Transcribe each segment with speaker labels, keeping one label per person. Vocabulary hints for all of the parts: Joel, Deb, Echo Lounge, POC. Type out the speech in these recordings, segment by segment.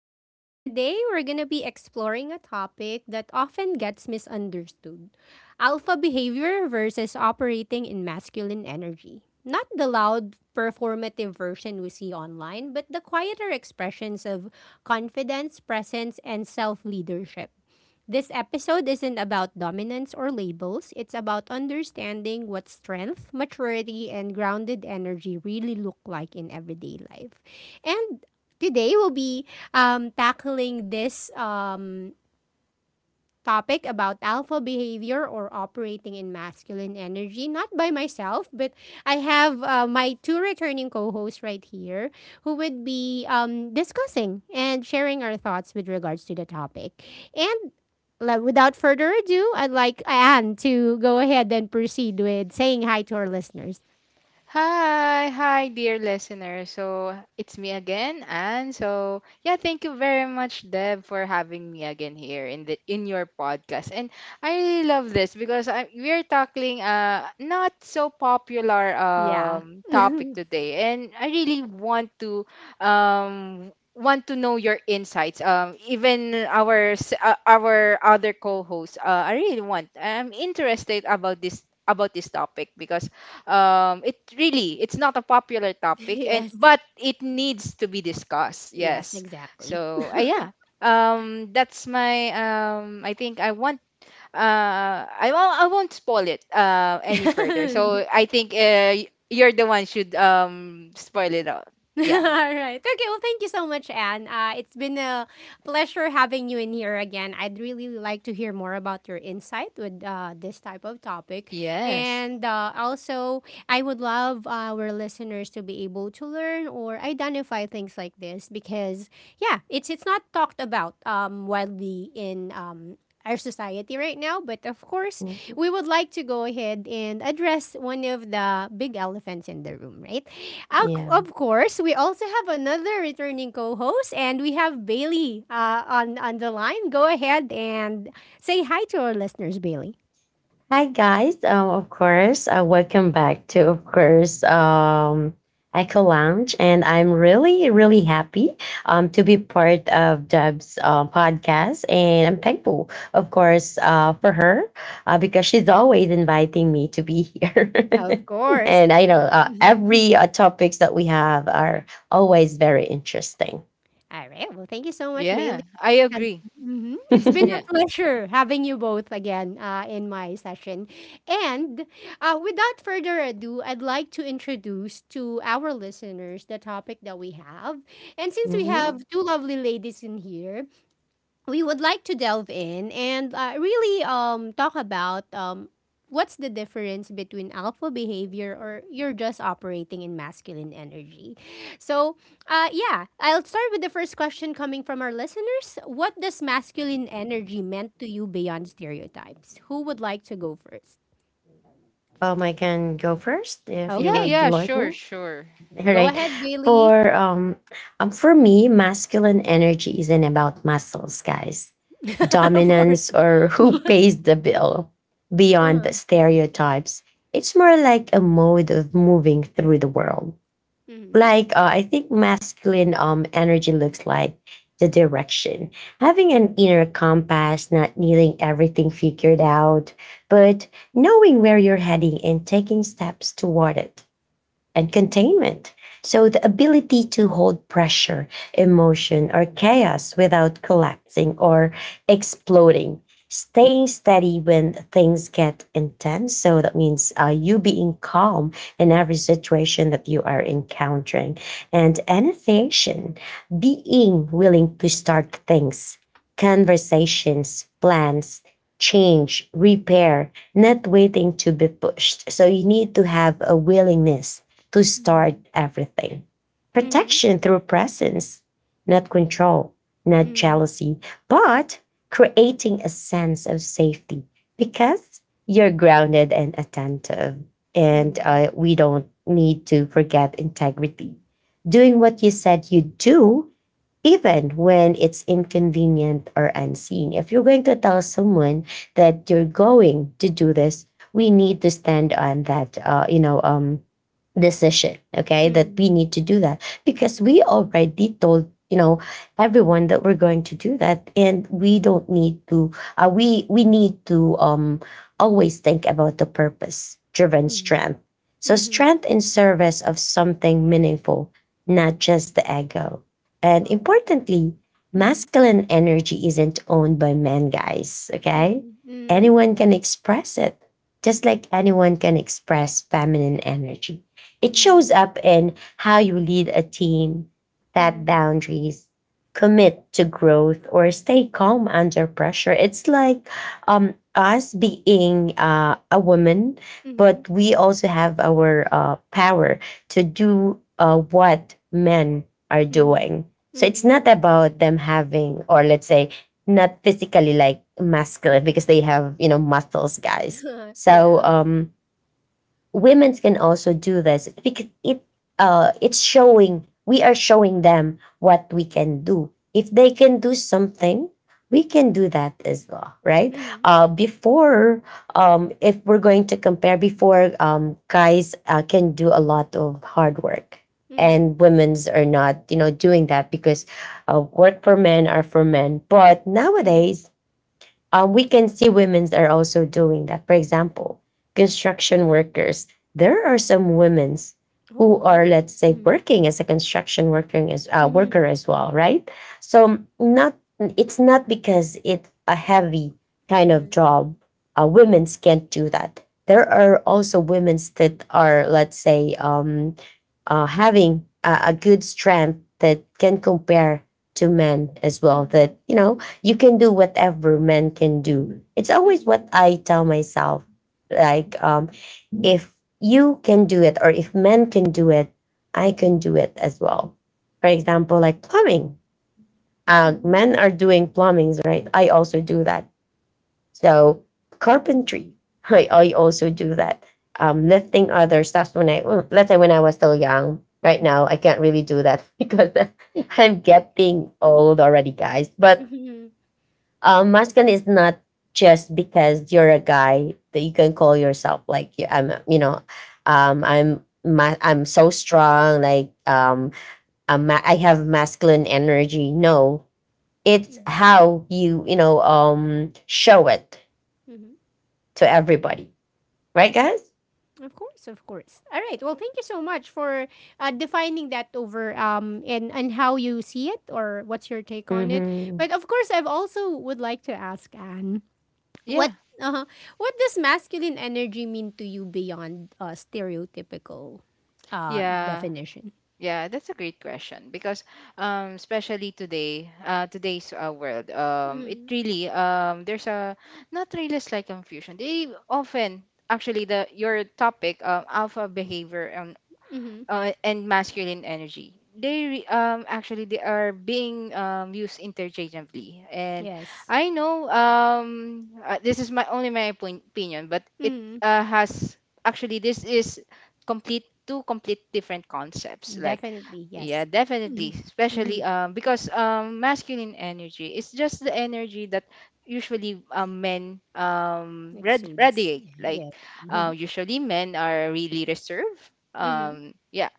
Speaker 1: Lounge. Today, we're going to be exploring a topic that often gets misunderstood: alpha behavior versus operating in masculine energy. Not the loud, performative version we see online, but the quieter expressions of confidence, presence, and self leadership. This episode isn't about dominance or labels, it's about understanding what strength, maturity, and grounded energy really look like in everyday life. And today we'll be tackling this topic about alpha behavior or operating in masculine energy, not by myself, but I have my two returning co hosts right here who would be discussing and sharing our thoughts with regards to the topic. And without further ado, I'd like Anne to go ahead and proceed with saying hi to our listeners.
Speaker 2: Hi, hi, dear listener. So it's me again, and so yeah, thank you very much, Deb, for having me again here in the in your podcast. And I really love this because we're tackling not so popular
Speaker 1: Yeah.
Speaker 2: topic today, and I really want to know your insights. Even our other co-hosts, I really want. I'm interested about this topic because it's not a popular topic and
Speaker 1: Yes.
Speaker 2: but it needs to be discussed.
Speaker 1: Yes,
Speaker 2: Yes,
Speaker 1: exactly.
Speaker 2: so yeah, that's my I think I want, I won't spoil it any further, so I think, you're the one should spoil it out.
Speaker 1: All
Speaker 2: Yeah.
Speaker 1: right. Okay. Well, thank you so much, Anne. It's been a pleasure having you in here again. I'd really like to hear more about your insight with this type of topic.
Speaker 2: Yes.
Speaker 1: And also, I would love our listeners to be able to learn or identify things like this because, yeah, it's not talked about widely in our society right now. But of course,
Speaker 3: Mhm.
Speaker 1: we would like to go ahead and address one of the big elephants in the room, right? Of
Speaker 3: Yeah.
Speaker 1: of course, we also have another returning co-host, and we have Bailey on the line. Go ahead and say hi to our listeners, Bailey.
Speaker 3: Hi guys. Of course, welcome back to of course Echo Lounge, and I'm really really happy to be part of Deb's podcast, and I'm thankful, of course, for her because she's always inviting me to be here.
Speaker 1: Of course.
Speaker 3: And I know every topics that we have are always very interesting.
Speaker 1: All right. Well, thank you so much,
Speaker 2: Yeah,
Speaker 1: Bailey.
Speaker 2: I
Speaker 1: It has-
Speaker 2: agree.
Speaker 1: Mhm. It's
Speaker 2: Yeah,
Speaker 1: been a pleasure having you both again in my session. And without further ado, I'd like to introduce to our listeners the topic that we have. And since we
Speaker 3: Mhm.
Speaker 1: have two lovely ladies in here, we would like to delve in and really talk about what's the difference between alpha behavior or you're just operating in masculine energy. So, yeah, I'll start with the first question coming from our listeners. What does masculine energy meant to you beyond stereotypes? Who would like to go first?
Speaker 3: I can go first if you
Speaker 2: yeah,
Speaker 1: Okay,
Speaker 3: would
Speaker 2: yeah.
Speaker 3: like
Speaker 2: Sure,
Speaker 3: me.
Speaker 2: sure.
Speaker 3: All
Speaker 1: go
Speaker 3: right.
Speaker 1: ahead, Bailey.
Speaker 3: for um, for me, masculine energy isn't about muscles, guys,
Speaker 1: Of course.
Speaker 3: dominance, or who pays the bill. Beyond the
Speaker 1: Uh-huh.
Speaker 3: stereotypes, it's more like a mode of moving through the world,
Speaker 1: Mm-hmm.
Speaker 3: like I think masculine energy looks like the direction, having an inner compass, not needing everything figured out, but knowing where you're heading and taking steps toward it, and containment. So, the ability to hold pressure, emotion, or chaos without collapsing or exploding, staying steady when things get intense. So, that means you being calm in every situation that you are encountering, and annotation, being willing to start things, conversations, plans, change, repair, not waiting to be pushed. So you need to have a willingness to start
Speaker 1: Mm-hmm.
Speaker 3: everything.
Speaker 1: Mm-hmm.
Speaker 3: Protection through presence, not control, not
Speaker 1: Mm-hmm.
Speaker 3: jealousy, but creating a sense of safety because you're grounded and attentive. And
Speaker 1: Mm-hmm.
Speaker 3: we don't need to forget integrity. Doing what you said you'd do even when it's inconvenient or unseen. If you're going to tell someone that you're going to do this, we need to stand on that decision. Okay, that
Speaker 1: Mm-hmm.
Speaker 3: we need to do that because we already told everyone that we're going to do that, and we don't need to. We need to always think about the purpose driven
Speaker 1: Mhm.
Speaker 3: strength. So
Speaker 1: Mhm.
Speaker 3: strength in service of something meaningful, not just the ego. And
Speaker 1: Um,
Speaker 3: importantly,
Speaker 1: Mhm.
Speaker 3: masculine energy isn't owned by men, guys. Okay.
Speaker 1: Mhm.
Speaker 3: Anyone can express it, just like anyone can express feminine energy. It
Speaker 1: Mhm.
Speaker 3: shows up in how you lead a team, set
Speaker 1: Mhm.
Speaker 3: boundaries, commit to growth, or stay calm under pressure. It's like us being a woman,
Speaker 1: Mhm.
Speaker 3: but we also have our power to do what men are
Speaker 1: Mhm.
Speaker 3: doing. So
Speaker 1: Mhm.
Speaker 3: it's
Speaker 1: Mhm.
Speaker 3: not about them having, or let's say, not physically like muscular because they have muscles, guys.
Speaker 1: Yeah.
Speaker 3: So women can also do this because it's showing, we are showing them what we can do. If they can do something, we can do that as well, right?
Speaker 1: Mhm.
Speaker 3: Before, if we're going to compare, before, guys can do a lot of hard work
Speaker 1: Mhm.
Speaker 3: and women's are not doing that because work for men are for men. But
Speaker 1: Mhm.
Speaker 3: nowadays, we can see women's are also doing that. For example, construction workers. There are some women's
Speaker 1: Oh,
Speaker 3: who are,
Speaker 1: really?
Speaker 3: let's say,
Speaker 1: Mhm.
Speaker 3: working as
Speaker 1: Mhm.
Speaker 3: worker as well, right? So not it's not because it's a heavy kind of
Speaker 1: Mhm.
Speaker 3: job. Women's can't do that. There are also women's that are, let's say, having a good strength that can compare to men as well.
Speaker 1: Mhm.
Speaker 3: That you know you can do whatever men can do. It's always what
Speaker 1: Mhm.
Speaker 3: I tell myself. Like, if you can do it or if men can do it, I can do it as well. For example, like plumbing.
Speaker 1: Mhm.
Speaker 3: Men are doing plumbings, right? I also do that. So carpentry, I also do that. Lifting other stuff when well, let's say when I was still young. Right now, I can't really do that because I'm getting old already, guys. But
Speaker 1: Mhm.
Speaker 3: masculine is not just because you're a guy that you can call yourself like I'm, I'm so strong, like I have masculine energy. No, it's
Speaker 1: Mhm.
Speaker 3: how you you know show it
Speaker 1: Mhm.
Speaker 3: to everybody, right, guys?
Speaker 1: Of course, of course. All right. Well, thank you so much for defining that over and how you see it or what's your take on it.
Speaker 3: Mm-hmm.
Speaker 1: But of course, I've also would like to ask Anne.
Speaker 2: Yeah,
Speaker 1: What uh what does masculine energy mean to you beyond stereotypical
Speaker 2: yeah.
Speaker 1: definition?
Speaker 2: Yeah, that's a great question because, especially today, today's, world, it
Speaker 1: Mm-hmm.
Speaker 2: really, there's a, not really, a slight confusion. They often, actually, the your topic, alpha behavior,
Speaker 1: Mm-hmm.
Speaker 2: and masculine energy. Actually, they are being used interchangeably, and
Speaker 1: Yes.
Speaker 2: I know, this is my only my opin- opinion, but it,
Speaker 1: Mm-hmm.
Speaker 2: has — actually, this is complete two complete different concepts. Like,
Speaker 1: Definitely,
Speaker 2: yeah,
Speaker 1: yes.
Speaker 2: definitely,
Speaker 1: Mm-hmm. Mm-hmm.
Speaker 2: especially, because, masculine energy is just the energy that usually, men,
Speaker 1: Exudes.
Speaker 2: radiate, like,
Speaker 1: Yeah.
Speaker 2: usually men are really reserved.
Speaker 1: Mm-hmm.
Speaker 2: Yeah,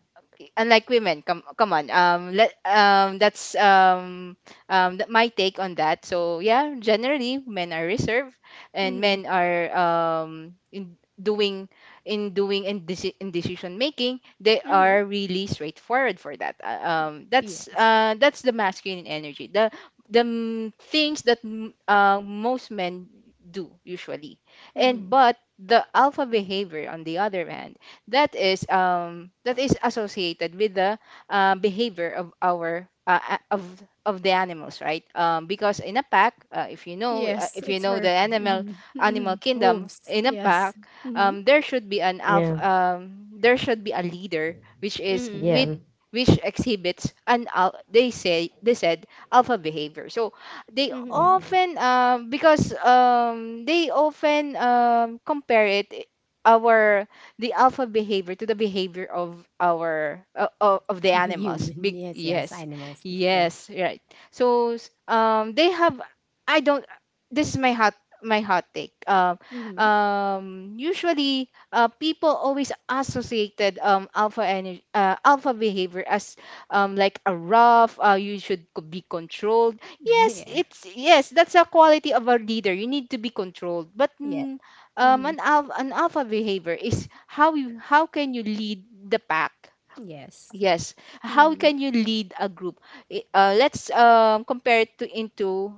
Speaker 2: unlike women. Come on, let that's, my take on that. So yeah, generally men are reserved, and
Speaker 1: Mm-hmm.
Speaker 2: men are, in decision making, they
Speaker 1: Mm-hmm.
Speaker 2: are really straightforward for that. That's,
Speaker 1: Yes.
Speaker 2: that's the masculine energy, things that, most men do usually. And
Speaker 1: Mm-hmm.
Speaker 2: but the alpha behavior, on the other hand, that is associated with the, behavior of our, of the animals, right? Because in a pack,
Speaker 1: Yes,
Speaker 2: if you
Speaker 1: it's
Speaker 2: know the
Speaker 1: for
Speaker 2: animal
Speaker 1: mm-hmm. Mm-hmm.
Speaker 2: animal kingdom.
Speaker 1: Wolves.
Speaker 2: In a pack,
Speaker 1: Yes. Mm-hmm.
Speaker 2: there should be an alpha,
Speaker 3: Yeah,
Speaker 2: there should be a leader, which is
Speaker 1: Mm-hmm.
Speaker 2: with
Speaker 3: yeah.
Speaker 2: which exhibits, they said alpha behavior. So they
Speaker 1: Mm-hmm.
Speaker 3: Mm-hmm.
Speaker 2: often, because, they often, compare it, our the alpha behavior to the behavior of our, of the animals.
Speaker 1: Human. Yes, yes.
Speaker 2: Yes.
Speaker 1: Animals. True.
Speaker 2: Yes, right. So, they have — I don't this is my hot, my hot take.
Speaker 1: Mm-hmm.
Speaker 2: Usually, people always associated, alpha energy, alpha behavior, as, like a rough, you should, be controlled. Yes, it's — yes, that's a quality of a leader. You need to be controlled, but,
Speaker 1: Yeah. Yeah.
Speaker 2: an alpha behavior is how can you lead the pack?
Speaker 1: Yes.
Speaker 2: Yes. How
Speaker 1: Mm.
Speaker 2: can you lead a group? Let's, compare it to into,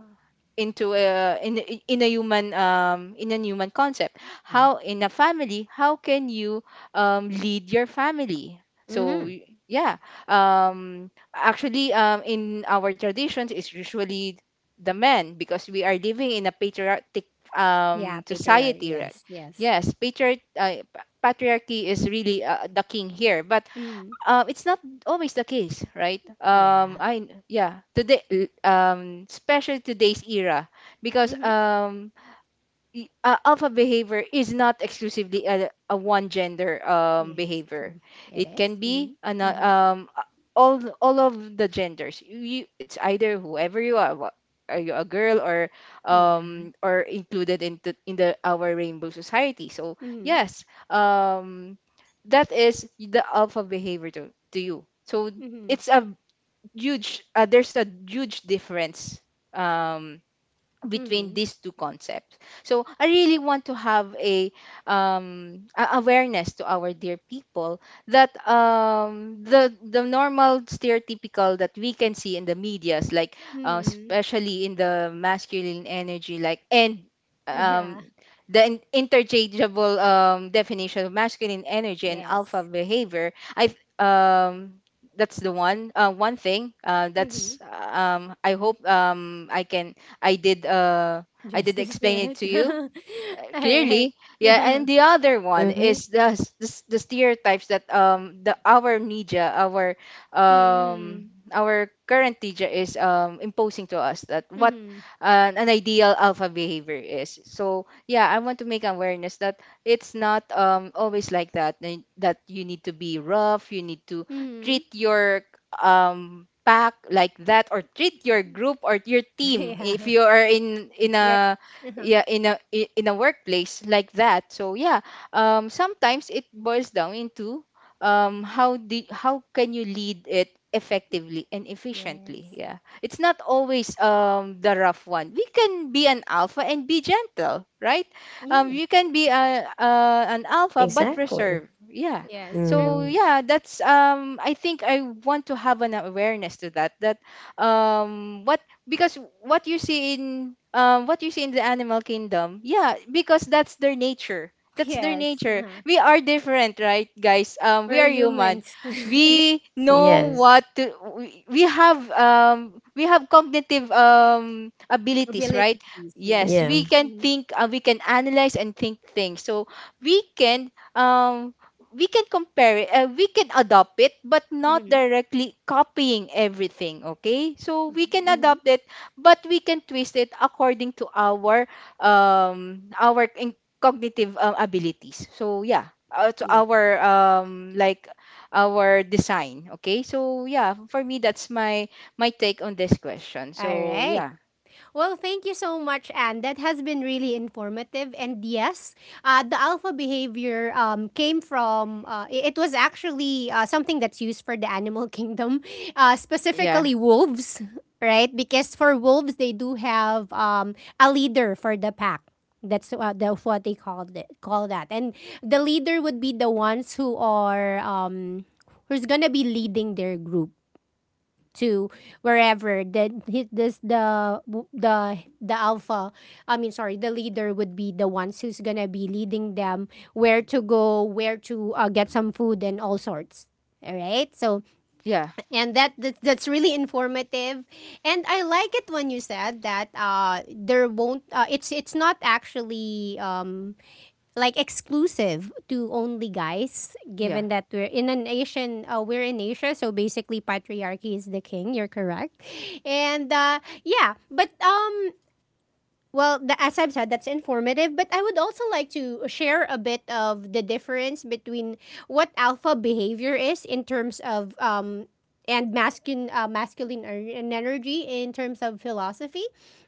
Speaker 2: in a human, in a human concept.
Speaker 1: Yes.
Speaker 2: How, in a family, how can you lead your family? So,
Speaker 1: Mm-hmm.
Speaker 2: yeah, actually, in our traditions, it's usually the men because we are living in a patriarchal,
Speaker 1: Yeah, patriarch.
Speaker 2: society, right?
Speaker 1: Yes, yes.
Speaker 2: Yes, patriarch, patriarchy is really, the king here, but,
Speaker 1: Mm.
Speaker 2: it's not always the case, right?
Speaker 1: Yeah.
Speaker 2: I Yeah, today, especially today's era, because,
Speaker 1: Mm-hmm.
Speaker 2: alpha behavior is not exclusively, a one gender,
Speaker 1: Yes,
Speaker 2: behavior.
Speaker 1: true. It
Speaker 2: It can
Speaker 1: is.
Speaker 2: be, an,
Speaker 1: Mm-hmm. Mm-hmm.
Speaker 2: a- all th- all of the genders. You — it's either whoever you are. Are you a girl, or,
Speaker 1: Yeah.
Speaker 2: or included into in the our rainbow society? So
Speaker 1: Mm-hmm.
Speaker 2: yes, um, that is the alpha behavior to you. So
Speaker 1: Mm-hmm.
Speaker 2: it's a huge — there's a huge difference, Um, between
Speaker 1: Mm-hmm.
Speaker 2: these two concepts. So I really want to have, awareness to our dear people, that, the normal stereotypical that we can see in the medias, like,
Speaker 1: Mm-hmm.
Speaker 2: especially in the masculine energy, like, and, um,
Speaker 1: Yeah.
Speaker 2: interchangeable, definition of masculine energy and alpha
Speaker 1: Yes.
Speaker 2: behavior. I um, that's the one one thing,
Speaker 1: Mm-hmm.
Speaker 2: that's, I hope, I did uh I did
Speaker 1: Justice to
Speaker 2: explain it
Speaker 1: it.
Speaker 2: to you,
Speaker 1: All right.
Speaker 2: clearly. Yeah,
Speaker 1: Mm-hmm.
Speaker 2: and the other one
Speaker 3: Mm-hmm.
Speaker 2: is, the stereotypes that, the our media our current media is, imposing to us, that what,
Speaker 1: Mm-hmm.
Speaker 2: an ideal alpha behavior is. So yeah, I want to make awareness that it's not, always like that, that you need to be rough, you need to
Speaker 1: Mm-hmm.
Speaker 2: treat your, pack like that, or treat your group or your team, if
Speaker 1: Yeah.
Speaker 2: you are in
Speaker 1: Yeah.
Speaker 2: a,
Speaker 1: Uh-huh.
Speaker 2: yeah, in a workplace, like that. So yeah, sometimes it boils down into, how can you lead it effectively and efficiently.
Speaker 1: Yes.
Speaker 2: Yeah, it's not always, the rough one. We can be an alpha and be gentle, right?
Speaker 1: Yeah.
Speaker 2: You can be a an alpha but
Speaker 3: Exactly.
Speaker 2: reserved. Yeah,
Speaker 1: Yes, true.
Speaker 2: so
Speaker 3: Mm-hmm.
Speaker 2: yeah, that's, I think I want to have an awareness to that. That what Because, what you see in the animal kingdom. Yeah, because that's their nature, that's their
Speaker 1: Yes.
Speaker 2: nature.
Speaker 1: Uh-huh.
Speaker 2: We are different, right, guys? We
Speaker 1: We're
Speaker 2: are human.
Speaker 1: humans.
Speaker 2: We know what
Speaker 3: Yes.
Speaker 2: to — we have, we have cognitive, abilities, right?
Speaker 1: Abilities,
Speaker 2: Yes,
Speaker 1: yes.
Speaker 3: Yeah.
Speaker 2: we can
Speaker 1: Mhm,
Speaker 2: think, we can analyze and think things. So we can um we can compare it, we can adopt it but not
Speaker 1: mhm,
Speaker 2: directly copying everything, okay? So we can
Speaker 1: mhm.
Speaker 2: adopt it, but we can twist it according to our, cognitive, abilities. So yeah, to
Speaker 1: Yeah.
Speaker 2: our, like our design, okay? So yeah, for me, that's my take on this question. So
Speaker 1: Alright.
Speaker 2: yeah.
Speaker 1: Well, thank you so much, Anne. That has been really informative. And yes, the alpha behavior came from, it was actually something that's used for the animal kingdom,
Speaker 2: Yeah.
Speaker 1: specifically wolves, right? Because for wolves, they do have a leader for the pack. That's what they called it, call that. And the leader would be the ones who are, who's going to be leading their group to wherever then he, this the alpha I mean sorry the leader would be the ones who's gonna be leading them where to go, where to get some food and all sorts. All right. So
Speaker 2: Yeah.
Speaker 1: and that's really informative, and I like it when you said that there won't it's not actually like exclusive to only guys,
Speaker 2: Yeah.
Speaker 1: given that we're in an Asian, we're in Asia, so basically patriarchy is the king, you're correct. And yeah, but well, as I've said, that's informative, but I would also like to share a bit of the difference between what alpha behavior is in terms of and masculine and energy in terms of philosophy,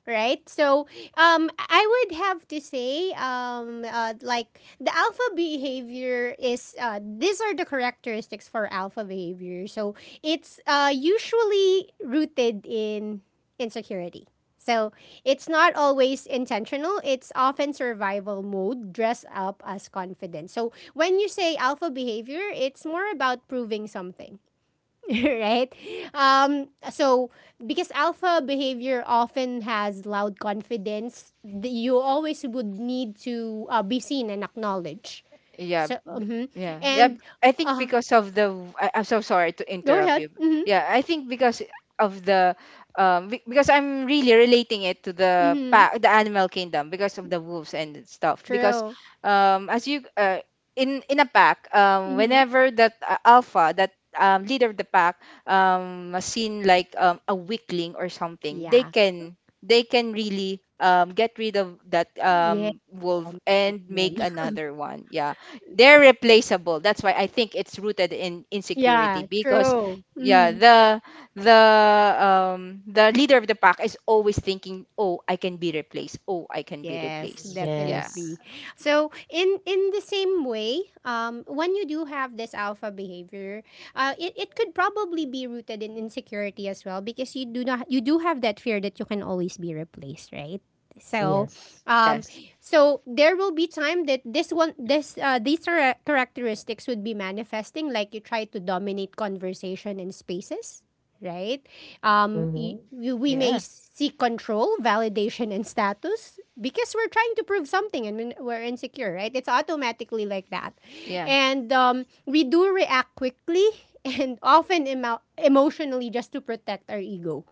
Speaker 1: right? So I would have to say like the alpha behavior is these are the characteristics for alpha behavior. So it's usually rooted in insecurity. So it's not always intentional. It's often survival mode dressed up as confidence. So when you say alpha behavior, it's more about proving something, right? So because alpha behavior often has loud confidence, you always would need to be seen and acknowledged.
Speaker 2: Yeah.
Speaker 1: So mhm.
Speaker 2: Yeah. Yeah.
Speaker 1: And
Speaker 2: I think
Speaker 1: uh,
Speaker 2: because of the — I'm so sorry to
Speaker 1: go
Speaker 2: interrupt
Speaker 1: ahead.
Speaker 2: you.
Speaker 1: Hmm.
Speaker 2: Yeah, I think because of the, because I'm really relating it to the
Speaker 1: Hmm.
Speaker 2: pack, the animal kingdom, because of the wolves and stuff. Because,
Speaker 1: True.
Speaker 2: as you, in a pack,
Speaker 1: Hmm.
Speaker 2: whenever that, alpha, that, leader of the pack, was seen like, a weakling or something,
Speaker 1: Yeah.
Speaker 2: they can really, get rid of that,
Speaker 1: Yeah.
Speaker 2: wolf
Speaker 1: Dominate
Speaker 2: and
Speaker 1: them.
Speaker 2: make another one. Yeah, they're replaceable. That's why I think it's rooted in insecurity
Speaker 1: Yeah.
Speaker 2: because,
Speaker 1: True.
Speaker 2: yeah,
Speaker 1: Mhm.
Speaker 2: the the leader of the pack is always thinking, "Oh, I can be replaced. Oh, I can be
Speaker 1: Yes,
Speaker 2: replaced." Yeah.
Speaker 1: definitely.
Speaker 3: Yes.
Speaker 1: So in the same way, when you do have this alpha behavior, it could probably be rooted in insecurity as well because you do not you do have that fear that you can always be replaced, right? So,
Speaker 3: Yes.
Speaker 1: um,
Speaker 2: Yes.
Speaker 1: so there will be time that this one, this these are characteristics would be manifesting, like you try to dominate conversation in spaces, right?
Speaker 3: Mm-hmm.
Speaker 1: We may
Speaker 2: Yeah.
Speaker 1: seek control, validation, and status because we're trying to prove something and we're insecure, right? It's automatically like that.
Speaker 2: Yeah.
Speaker 1: And we do react quickly and often emotionally just to protect our ego.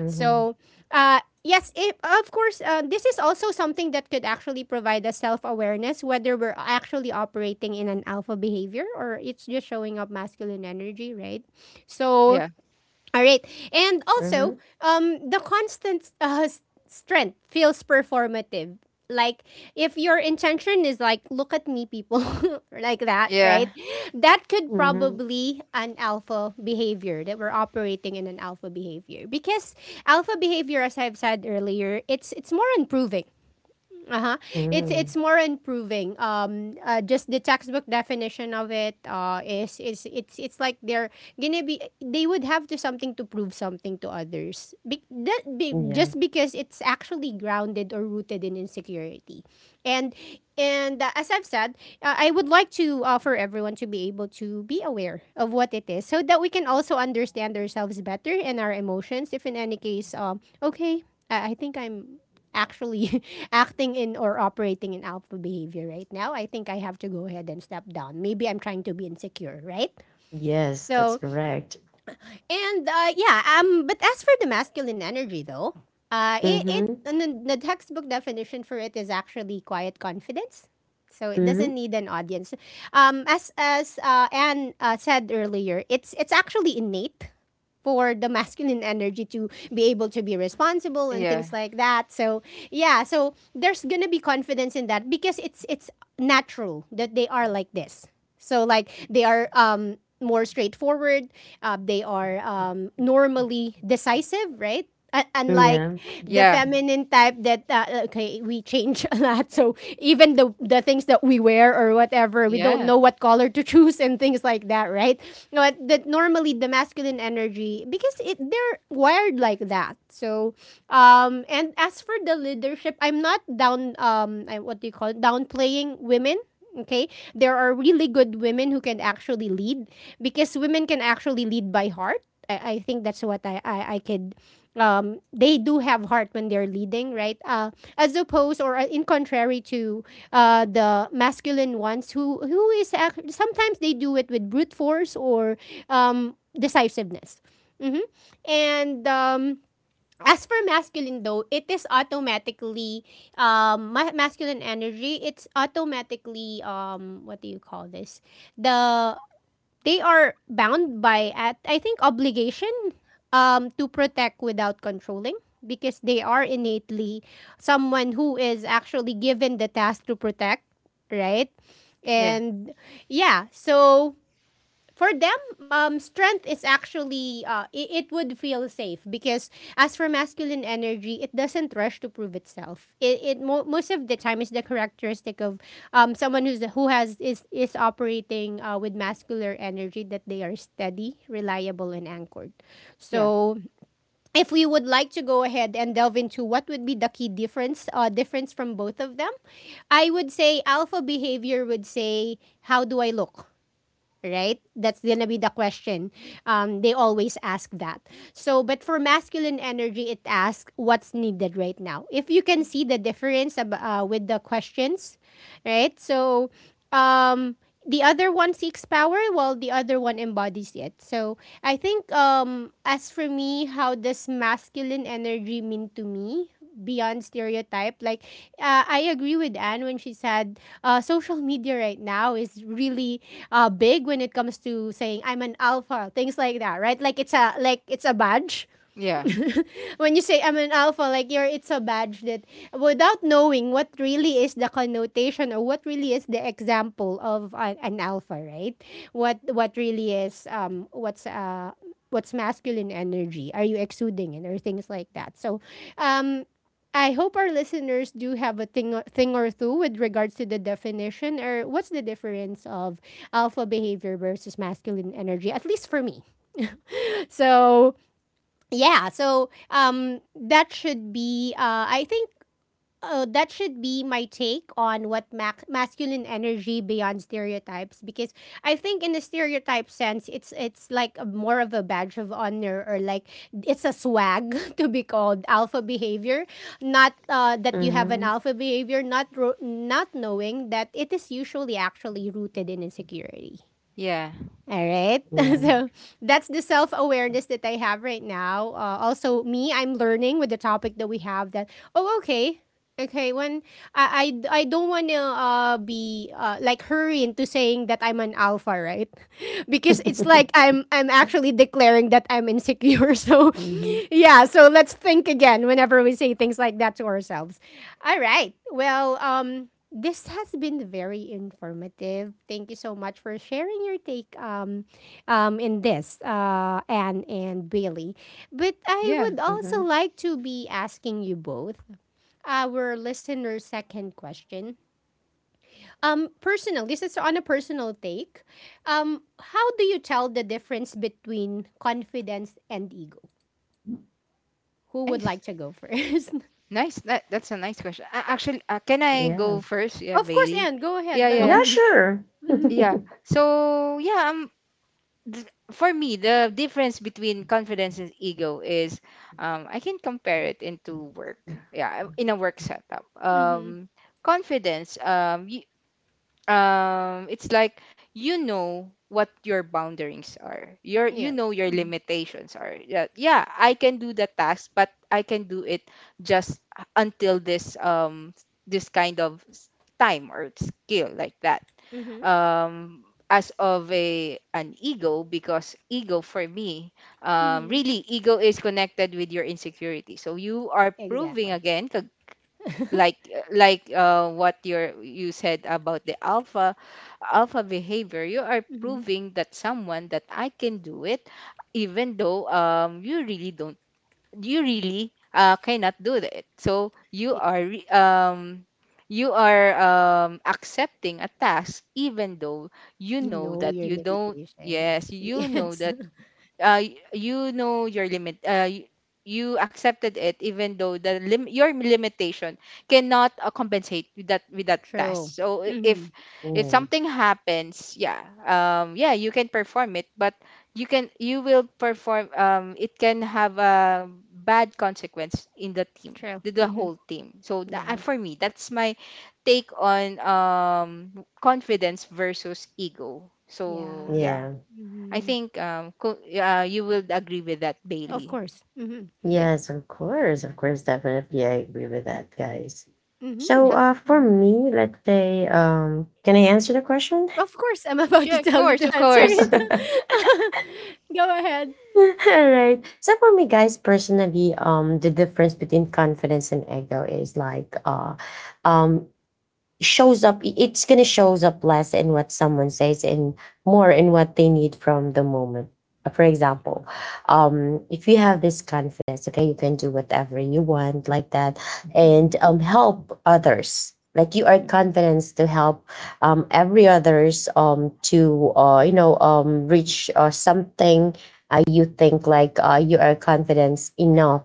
Speaker 3: Mm-hmm.
Speaker 1: So, yes, if of course, this is also something that could actually provide us self awareness whether we're actually operating in an alpha behavior or it's just showing up masculine energy, right? So,
Speaker 2: Yeah.
Speaker 1: all right. And also, the constant strength feels performative. Like, if your intention is like, look at me, people, or like that, right? That could
Speaker 3: Mhm.
Speaker 1: probably an alpha behavior that we're operating in an alpha behavior because alpha behavior, as I've said earlier, it's more improving. Uh-huh. It's
Speaker 3: Mm.
Speaker 1: more improving. Just the textbook definition of it is it's like they're gonna be they would have to something to prove something to others.
Speaker 3: Yeah.
Speaker 1: Just because it's actually grounded or rooted in insecurity. And and as I've said, I would like to offer everyone to be able to be aware of what it is so that we can also understand ourselves better and our emotions if in any case okay, I think I'm actually acting in or operating in alpha behavior right now, I think I have to go ahead and step down. Maybe I'm trying to be insecure, right?
Speaker 3: Yes, that's
Speaker 1: So,
Speaker 3: correct.
Speaker 1: and yeah, but as for the masculine energy though, it
Speaker 3: Mhm.
Speaker 1: and the textbook definition for it is actually quiet confidence. So it doesn't
Speaker 3: Mhm.
Speaker 1: need an audience. As Anne said earlier, it's actually innate for the masculine energy to be able to be responsible and things
Speaker 2: Yeah.
Speaker 1: like that. So yeah, so there's gonna be confidence in that because it's natural that they are like this. So like they are more straightforward. They are normally decisive, right? Unlike
Speaker 3: Yeah.
Speaker 1: the
Speaker 2: Yeah.
Speaker 1: feminine type that okay we change a lot, so even the things that we wear or whatever we don't
Speaker 2: Yeah.
Speaker 1: know what color to choose and things like that, right? But that normally the masculine energy because it they're wired like that. So and as for the leadership, I'm not down what do you call it downplaying women. Okay? There are really good women who can actually lead because women can actually lead by heart. I think that's what I could. They do have heart when they're leading, right? As opposed or in contrary to the masculine ones who is sometimes they do it with brute force or decisiveness. Hmm. And. As for masculine though, it is automatically masculine energy. It's automatically what do you call this? The they are bound by at I think obligation to protect without controlling because they are innately someone who is actually given the task to protect, right?
Speaker 2: Yeah.
Speaker 1: And yeah, so for them, strength is actually it would feel safe because as for masculine energy, it doesn't rush to prove itself. Most of the time is the characteristic of someone who's who has is operating with masculine energy that they are steady, reliable, and anchored.
Speaker 2: Yeah.
Speaker 1: So if we would like to go ahead and delve into what would be the key difference difference from both of them, I would say alpha behavior would say, "How do I look, right?" That's gonna be the question. They always ask that. So, but for masculine energy, it asks what's needed right now. If you can see the difference with the questions, right? So, um, the other one seeks power, while the other one embodies it. So, I think as for me, how does masculine energy mean to me? Beyond stereotype. Like, I agree with Anne when she said social media right now is really big when it comes to saying, "I'm an alpha," things like that, right? Like it's a badge.
Speaker 2: Yeah. Yeah.
Speaker 1: When you say, "I'm an alpha," like you're it's a badge that without knowing what really is the connotation or what really is the example of a, an alpha, right? What really is what's masculine energy? Are you exuding it or things like that? So, um. I hope our listeners do have a thing, thing or two with regards to the definition or what's the difference of alpha behavior versus masculine energy, at least for me. So yeah so that should be I think that should be my take on what masculine energy beyond stereotypes because I think in the stereotype sense it's like a, more of a badge of honor, or like it's a swag. To be called alpha behavior, not that you have an
Speaker 3: Mhm.
Speaker 1: alpha behavior, not knowing that it is usually actually rooted in insecurity.
Speaker 2: Yeah.
Speaker 1: All right.
Speaker 3: Yeah.
Speaker 1: So that's the self awareness that I have right now. Also, me, I'm learning with the topic that we have that, oh, okay, okay, when I don't want to be like hurry into saying that I'm an alpha, right? Because it's like I'm actually declaring that I'm insecure. So
Speaker 3: Mhm.
Speaker 1: yeah, so let's think again whenever we say things like that to ourselves. All right. Well, this has been very informative. Thank you so much for sharing your take in this, Anne and Bailey. But I
Speaker 2: Yeah.
Speaker 1: would also
Speaker 3: Mhm.
Speaker 1: like to be asking you both our listener's second question. This is on a personal take. How do you tell the difference between confidence and ego? Who would
Speaker 2: Nice.
Speaker 1: like to go first?
Speaker 2: Nice. That's a nice question. Actually, can I
Speaker 3: Yeah.
Speaker 2: go first? Yeah,
Speaker 1: Of course,
Speaker 2: Bailey.
Speaker 1: Anne, go ahead
Speaker 2: Yeah,
Speaker 1: by
Speaker 2: yeah,
Speaker 1: all
Speaker 2: yeah.
Speaker 3: Yeah,
Speaker 1: means.
Speaker 3: sure.
Speaker 1: Mm-hmm,
Speaker 2: Yeah. So, yeah, for me, the difference between confidence and ego is, I can compare it into work. Yeah, in a work setup.
Speaker 1: mm-hmm,
Speaker 2: Confidence, it's like you know what your boundaries are. You
Speaker 1: yes.
Speaker 2: know your
Speaker 1: Mm-hmm,
Speaker 2: limitations are. Yeah, yeah, I can do the task, but I can do it just, until this kind of, time or skill, like that.
Speaker 1: mm-hmm,
Speaker 2: um, as of a an ego, because ego for me,
Speaker 1: mm-hmm.
Speaker 2: really, ego is connected with your insecurity. So you are proving
Speaker 1: Exactly.
Speaker 2: again, like like what you said about the alpha behavior. You are
Speaker 1: Mm-hmm.
Speaker 2: proving that someone, that I can do it even though, you really, cannot do that. So
Speaker 1: Yeah.
Speaker 2: you are, accepting a task even though you
Speaker 1: You
Speaker 2: know
Speaker 1: know
Speaker 2: that
Speaker 1: your
Speaker 2: you don't —
Speaker 1: limitations.
Speaker 2: yes, you know
Speaker 1: Yes.
Speaker 2: that, you know your limit. You accepted it even though, your limitation cannot, compensate with that
Speaker 1: True.
Speaker 2: task. So,
Speaker 1: Mm-hmm.
Speaker 2: if
Speaker 3: Yeah,
Speaker 2: something happens, yeah, yeah, you can perform it, but you will perform. It can have a bad consequence in the team,
Speaker 1: True.
Speaker 2: the
Speaker 1: Mm-hmm.
Speaker 2: whole team. So that,
Speaker 1: Yeah.
Speaker 2: for me, that's my take on, confidence versus ego. So
Speaker 1: Yeah.
Speaker 2: yeah.
Speaker 3: yeah,
Speaker 2: I
Speaker 1: Mm-hmm.
Speaker 2: think, yeah, you will agree with that,
Speaker 1: Of
Speaker 2: Bailey.
Speaker 1: course. Mm-hmm.
Speaker 2: Yeah.
Speaker 3: yes, of course, definitely, I agree with that, guys.
Speaker 1: Mm-hmm.
Speaker 3: So,
Speaker 1: Yeah.
Speaker 3: for
Speaker 1: Mm-hmm.
Speaker 3: me, let's say, can I answer the question?
Speaker 1: Of course, I'm about to
Speaker 2: Yeah, of
Speaker 1: tell you
Speaker 2: course, of
Speaker 1: to answer
Speaker 2: course.
Speaker 1: it. Go ahead.
Speaker 3: All right. So for me, guys, personally, the difference between confidence and ego is like, um, shows up it's gonna shows up less in what someone says and more in what they need from the moment. For example, if you have this confidence, okay, you can do whatever you want like that,
Speaker 1: Mhm,
Speaker 3: and help others, like you are
Speaker 1: mhm,
Speaker 3: confident to help every others to reach something. You think like you are confident enough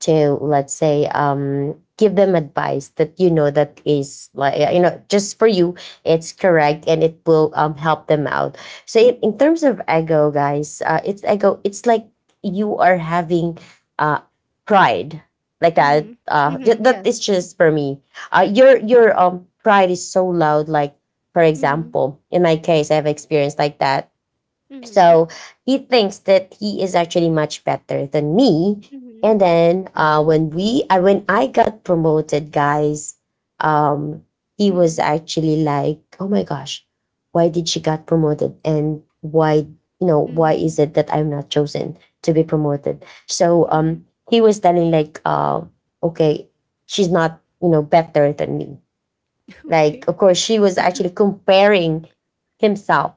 Speaker 3: to, let's say, give them advice that you know that is like you know just for you, it's correct and it will help them out. So in terms of ego, guys, it's like you are having uh pride like that
Speaker 1: mhm, mhm,
Speaker 3: that is
Speaker 1: yes.
Speaker 3: just for me. Your pride is so loud, like for
Speaker 1: Mhm,
Speaker 3: example, in my case, I've experienced like that.
Speaker 1: mhm,
Speaker 3: So he thinks that he is actually much better than me.
Speaker 1: mhm,
Speaker 3: And then I when I got promoted, guys, um, he was
Speaker 1: mhm,
Speaker 3: actually like, "Oh my gosh, why did she got promoted? And why
Speaker 1: mhm,
Speaker 3: is it that I'm not chosen to be promoted?" So
Speaker 1: mhm.
Speaker 3: he was telling like, "Okay, she's not, better than me."
Speaker 1: Okay.
Speaker 3: Like, of course, she was actually comparing himself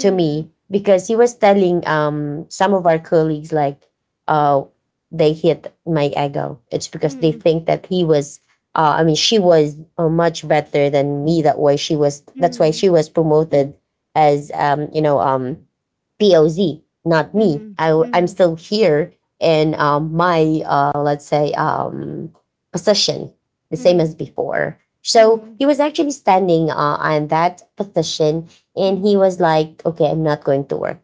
Speaker 3: to me because he was telling some of our colleagues like, uh, they hit my ego. It's because they
Speaker 1: mhm,
Speaker 3: think that he was. I mean, she was much better than me. That way, she was. That's why
Speaker 1: mhm,
Speaker 3: she was promoted as POZ, not me.
Speaker 1: mhm,
Speaker 3: I am
Speaker 1: mhm,
Speaker 3: still here in my let's say, position, the same
Speaker 1: mhm,
Speaker 3: as before. So
Speaker 1: mhm,
Speaker 3: he was actually standing on that position, and he
Speaker 1: mhm.
Speaker 3: was like, "Okay, I'm not going to work."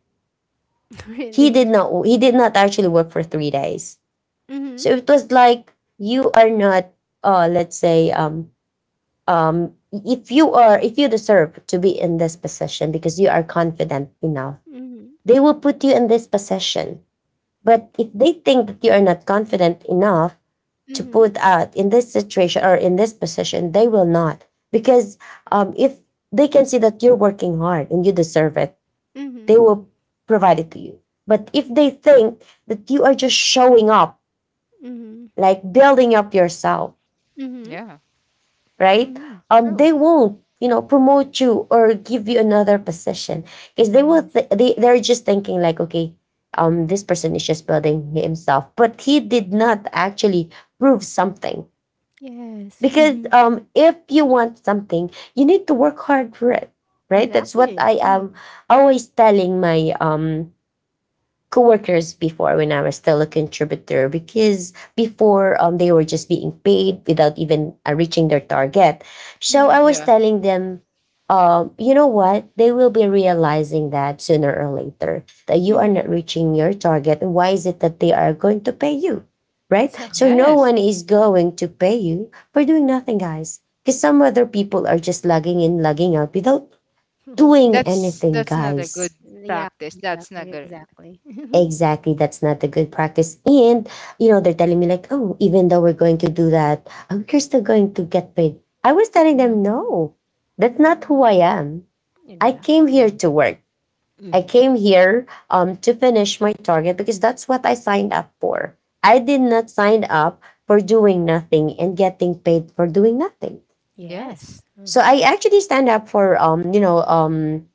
Speaker 3: He did
Speaker 1: Really?
Speaker 3: not. He did not actually work for 3 days.
Speaker 1: Mhm,
Speaker 3: So it was like you are not, let's say, if you deserve to be in this position because you are confident enough,
Speaker 1: mhm,
Speaker 3: they will put you in this position. But if they think that you are not confident enough to
Speaker 1: mhm,
Speaker 3: put out in this situation or in this position, they will not. Because if they can see that you're working hard and you deserve it,
Speaker 1: mhm,
Speaker 3: they will provide it to you. But if they think that you are just showing up,
Speaker 1: mhm,
Speaker 3: like building up yourself,
Speaker 1: mhm,
Speaker 2: Yeah.
Speaker 3: right?
Speaker 1: mhm. True.
Speaker 3: They won't, promote you or give you another position because they will.
Speaker 1: Yes.
Speaker 3: They're just thinking like, okay, this person is just building himself, but he did not actually prove something.
Speaker 1: Yes.
Speaker 3: Because
Speaker 1: Mhm.
Speaker 3: if you want something, you need to work hard for it, right? That's what
Speaker 1: Exactly.
Speaker 3: I
Speaker 1: Mhm,
Speaker 3: am always telling my coworkers before, when I was still a contributor, because before, they were just being paid without even reaching their target. So
Speaker 1: mhm,
Speaker 3: I was
Speaker 2: Yeah.
Speaker 3: telling them, you know what? They will be realizing that sooner or later that you are not
Speaker 1: mhm.
Speaker 3: reaching your target. And why is it that they are going to pay you? Right? So no
Speaker 2: Yes.
Speaker 1: Exactly.
Speaker 3: one is going to pay you for doing nothing, guys. Because some other people are just logging in, logging out without doing
Speaker 1: Okay.
Speaker 2: That's
Speaker 3: anything,
Speaker 2: that's not a good
Speaker 3: guys.
Speaker 1: Yeah,
Speaker 2: practice. That's not
Speaker 1: exactly,
Speaker 2: good.
Speaker 1: exactly.
Speaker 3: Exactly. That's not a good practice. And, they're telling me, like, oh, even though we're going to do that, you're still going to get paid. I was telling them,
Speaker 2: No.
Speaker 3: no, that's not
Speaker 1: Mhm.
Speaker 3: who I am. I came here
Speaker 1: Exactly.
Speaker 3: to work. I
Speaker 1: Hmm.
Speaker 3: came here to finish my target because that's what I signed up for. I did not sign up for doing nothing and getting paid for doing nothing.
Speaker 1: Yes.
Speaker 2: Yes.
Speaker 3: So
Speaker 1: Uh-huh.
Speaker 3: I actually stand up for,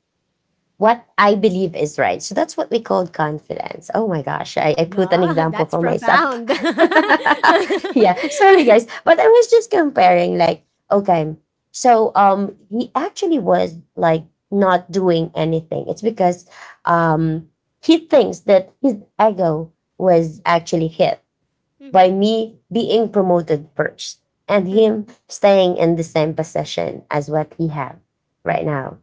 Speaker 3: what I believe is right. So that's what we call confidence. Oh my gosh, I put an
Speaker 1: Yeah,
Speaker 3: example
Speaker 1: that's
Speaker 3: for myself.
Speaker 1: profound.
Speaker 3: Yeah, sorry guys. But I was just comparing, like, okay, so he actually was like not doing anything. It's because um he thinks that his ego was actually hit
Speaker 1: Hmm.
Speaker 3: by me being promoted first and him
Speaker 1: Hmm.
Speaker 3: staying in the same position as what he have right now,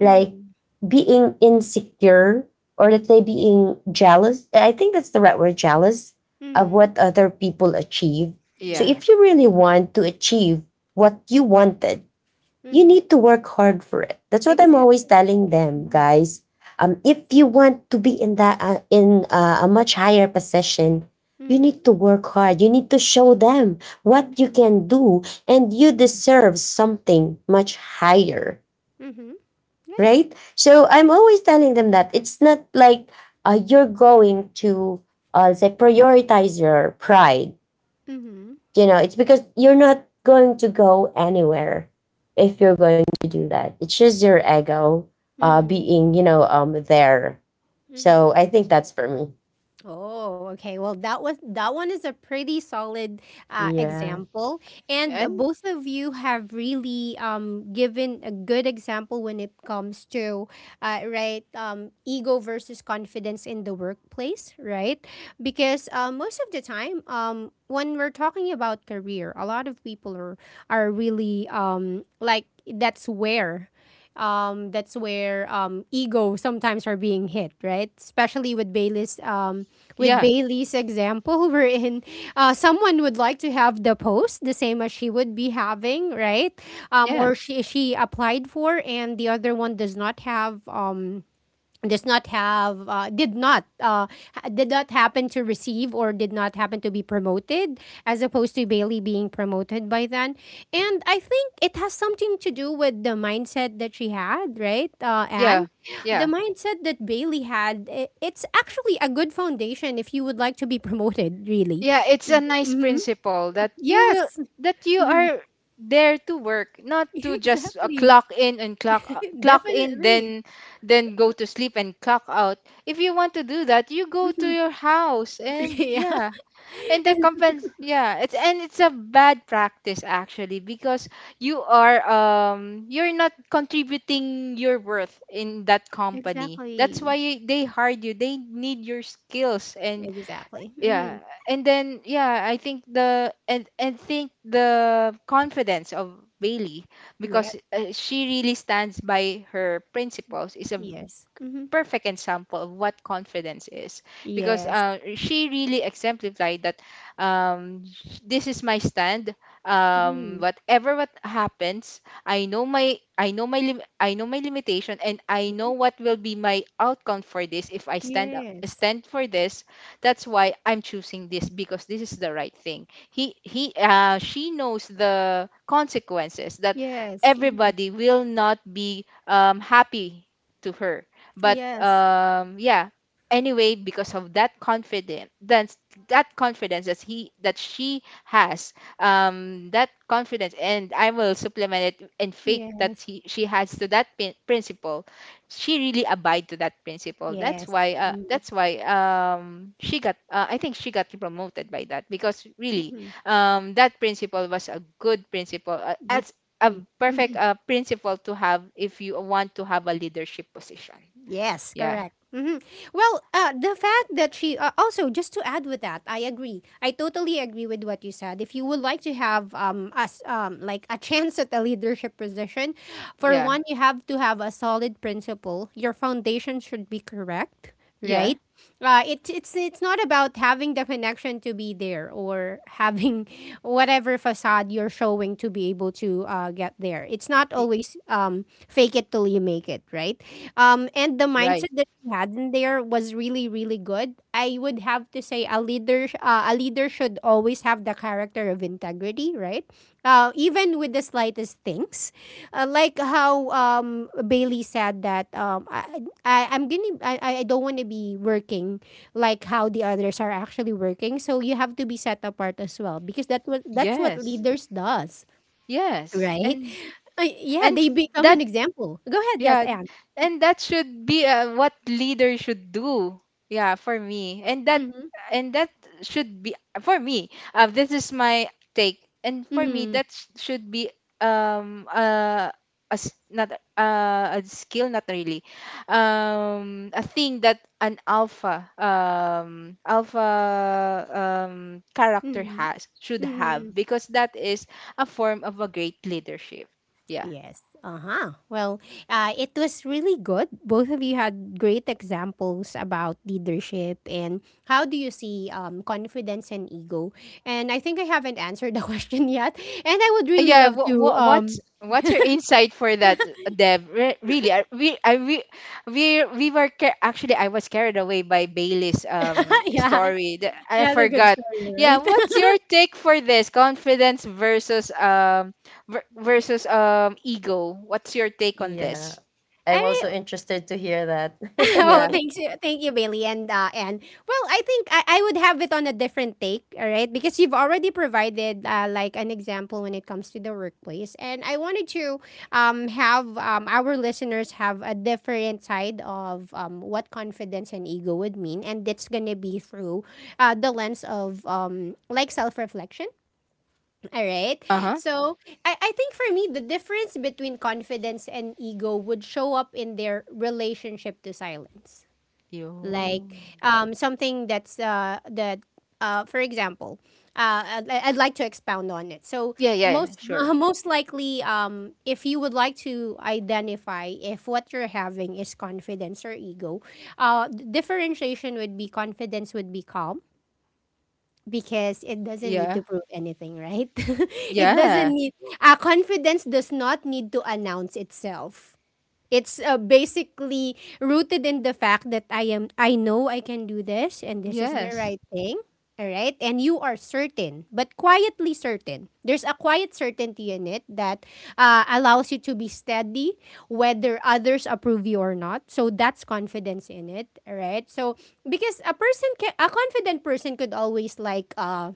Speaker 3: like being insecure, or let's say, being jealous. I think that's the right word, jealous of
Speaker 1: Hmm.
Speaker 3: what other people achieve. So
Speaker 2: Yeah.
Speaker 3: if you
Speaker 1: Yes.
Speaker 3: really want to achieve what you wanted, you
Speaker 1: Hmm.
Speaker 3: need to work hard for it. That's what I'm always
Speaker 1: Exactly.
Speaker 3: telling them,
Speaker 1: Hmm.
Speaker 3: guys. If you want to be in that in a much higher position, you
Speaker 1: Hmm.
Speaker 3: need to work hard. You need to show them what you
Speaker 1: Hmm.
Speaker 3: can do, and you deserve something much higher,
Speaker 1: Hmm. Yes.
Speaker 3: right? So I'm always telling them that it's not like you're going to say prioritize your pride.
Speaker 1: Hmm.
Speaker 3: You know, it's because you're not going to go anywhere if you're going to do that. It's just your ego being, there.
Speaker 1: Hmm.
Speaker 3: So I think that's for me.
Speaker 1: Oh, okay. Well, that was that one is a pretty solid
Speaker 3: Yeah,
Speaker 1: example, and
Speaker 2: And
Speaker 1: both of you have really given a good example when it comes to right ego versus confidence in the workplace, right? Because most of the time, when we're talking about career, a lot of people are really like that's where ego sometimes are being hit, right? Especially with
Speaker 2: Yeah.
Speaker 1: Bailey's example, wherein someone would like to have the post the same as she would be having, right?
Speaker 2: yeah. Yeah.
Speaker 1: Or she applied for, and the other one does not have. Does not have did not ha- Did not happen to receive or did not happen to be promoted as opposed to Bailey being promoted by then, and I think it has something to do with the mindset that she had, right, Anne?
Speaker 2: Yeah.
Speaker 1: The
Speaker 2: Yeah.
Speaker 1: mindset that Bailey had, it's actually a good foundation if you would like to be promoted really.
Speaker 2: Yeah, it's a nice
Speaker 1: Mm-hmm.
Speaker 2: principle, that you will
Speaker 1: Yes.
Speaker 2: that you
Speaker 1: Hmm.
Speaker 2: are there to work, not to just,
Speaker 1: Exactly.
Speaker 2: clock in and clock in,
Speaker 1: Definitely.
Speaker 2: then go to sleep and clock out. If you want to do that, you go to
Speaker 1: Hmm.
Speaker 2: your house. And
Speaker 1: Yeah.
Speaker 2: yeah, and the
Speaker 1: And
Speaker 2: compens yeah, it's a bad practice actually because you're not contributing your worth in that company. That's why
Speaker 1: exactly,
Speaker 2: they hired you. They need your skills. And
Speaker 1: exactly.
Speaker 2: yeah
Speaker 1: Mhm.
Speaker 2: and then yeah I think the confidence of Bailey,
Speaker 1: Yep.
Speaker 2: because she really stands by her principles, is a
Speaker 1: Yes. Mm-hmm.
Speaker 2: perfect example of what confidence is, because
Speaker 1: Yes.
Speaker 2: she really exemplified that. um, this is my stand.
Speaker 1: Mm-hmm.
Speaker 2: Whatever what happens, I know my, I know my limitation, and I know
Speaker 1: Hmm.
Speaker 2: what will be my outcome for this if I
Speaker 1: Yes.
Speaker 2: stand for this. That's why I'm choosing this, because this is the right thing. He She knows the consequences that
Speaker 1: Yes. Mm-hmm.
Speaker 2: everybody will not be happy to her, but
Speaker 1: Yes.
Speaker 2: yeah, anyway, because of that confidence, that confidence that he that she has. That confidence, and I will supplement it and fake that
Speaker 1: Yes.
Speaker 2: she has to that principle. She really abide to that principle. That's
Speaker 1: Yes.
Speaker 2: why she got I think she got promoted by that, because really
Speaker 1: Mm-hmm.
Speaker 2: that principle was a good principle, as a
Speaker 1: Definitely.
Speaker 2: perfect
Speaker 1: Mm-hmm.
Speaker 2: principle to have if you want to have a leadership position.
Speaker 1: Yes.
Speaker 2: Yeah,
Speaker 1: Correct. Mm-hmm. Well, the fact that she also, just to add with that, I agree. I totally agree with what you said. If you would like to have us like a chance at a leadership position, for
Speaker 2: yeah,
Speaker 1: one, you have to have a solid principle. Your foundation should be correct,
Speaker 2: yeah.
Speaker 1: right? It's not about having the connection to be there or having whatever facade you're showing to be able to get there. It's not
Speaker 2: y-
Speaker 1: always fake it till you make it, right? And the
Speaker 2: Right.
Speaker 1: mindset that we had in there was really really good. I would have to say a leader a leader should always have the character of integrity, right? Even with the slightest things, like how Bailey said that I'm gonna I don't wanna be working like how the others are actually working. So you have to be set apart as well because that's what
Speaker 2: Yes,
Speaker 1: leaders does,
Speaker 2: yes,
Speaker 1: right? Yeah,
Speaker 2: and
Speaker 1: they become
Speaker 2: that.
Speaker 1: an example. Go ahead, yes,
Speaker 2: Yeah,
Speaker 1: Anne.
Speaker 2: and that should be what leader should do. Yeah, for me,
Speaker 1: Mm-hmm.
Speaker 2: and that should be for me. This is my take, and for me,
Speaker 1: Mm-hmm.
Speaker 2: should be um uh a skill, not really, a thing that an alpha character has should have,
Speaker 1: Mm-hmm.
Speaker 2: because that is a form of a great leadership. Yeah.
Speaker 1: Yes. Uh-huh. Well, it was really good. Both of you had great examples about leadership and how do you see confidence and ego. And I think I haven't answered the question yet. And I would really
Speaker 2: Yeah.
Speaker 1: love to.
Speaker 2: What's your insight for that, Deb? Really, I we were ca- actually I was carried away by Bailey's
Speaker 1: Yeah,
Speaker 2: story.
Speaker 1: she
Speaker 2: I
Speaker 1: had a good
Speaker 2: forgot.
Speaker 1: story,
Speaker 2: Yeah,
Speaker 1: right?
Speaker 2: what's your take for this confidence versus versus ego? What's your take on
Speaker 3: yeah.
Speaker 2: this?
Speaker 3: I'm also
Speaker 1: I,
Speaker 3: interested to hear that.
Speaker 1: well,
Speaker 2: Yeah.
Speaker 1: thank you, Bailey and well, I think I would have it on a different take, all right? Because you've already provided like an example when it comes to the workplace, and I wanted to have our listeners have a different side of what confidence and ego would mean, and it's gonna be through the lens of like self reflection. All right.
Speaker 2: Uh-huh.
Speaker 1: So I think for me, the difference between confidence and ego would show up in their relationship to silence.
Speaker 2: Yo.
Speaker 1: Like something that's that for example, I'd like to expound on it. So
Speaker 2: Yeah, yeah, yeah,
Speaker 1: most
Speaker 2: sure.
Speaker 1: most likely if you would like to identify if what you're having is confidence or ego, differentiation would be confidence would be calm because it doesn't need
Speaker 2: Yeah.
Speaker 1: to prove anything, right? It doesn't
Speaker 2: Yeah.
Speaker 1: need confidence does not need to announce itself. It's basically rooted in the fact that I know I can do this and this is the
Speaker 2: Yes.
Speaker 1: right thing. All right? And you are certain, but quietly certain. There's a quiet certainty in it that allows you to be steady whether others approve you or not. So that's confidence in it, all right? So because a confident person could always like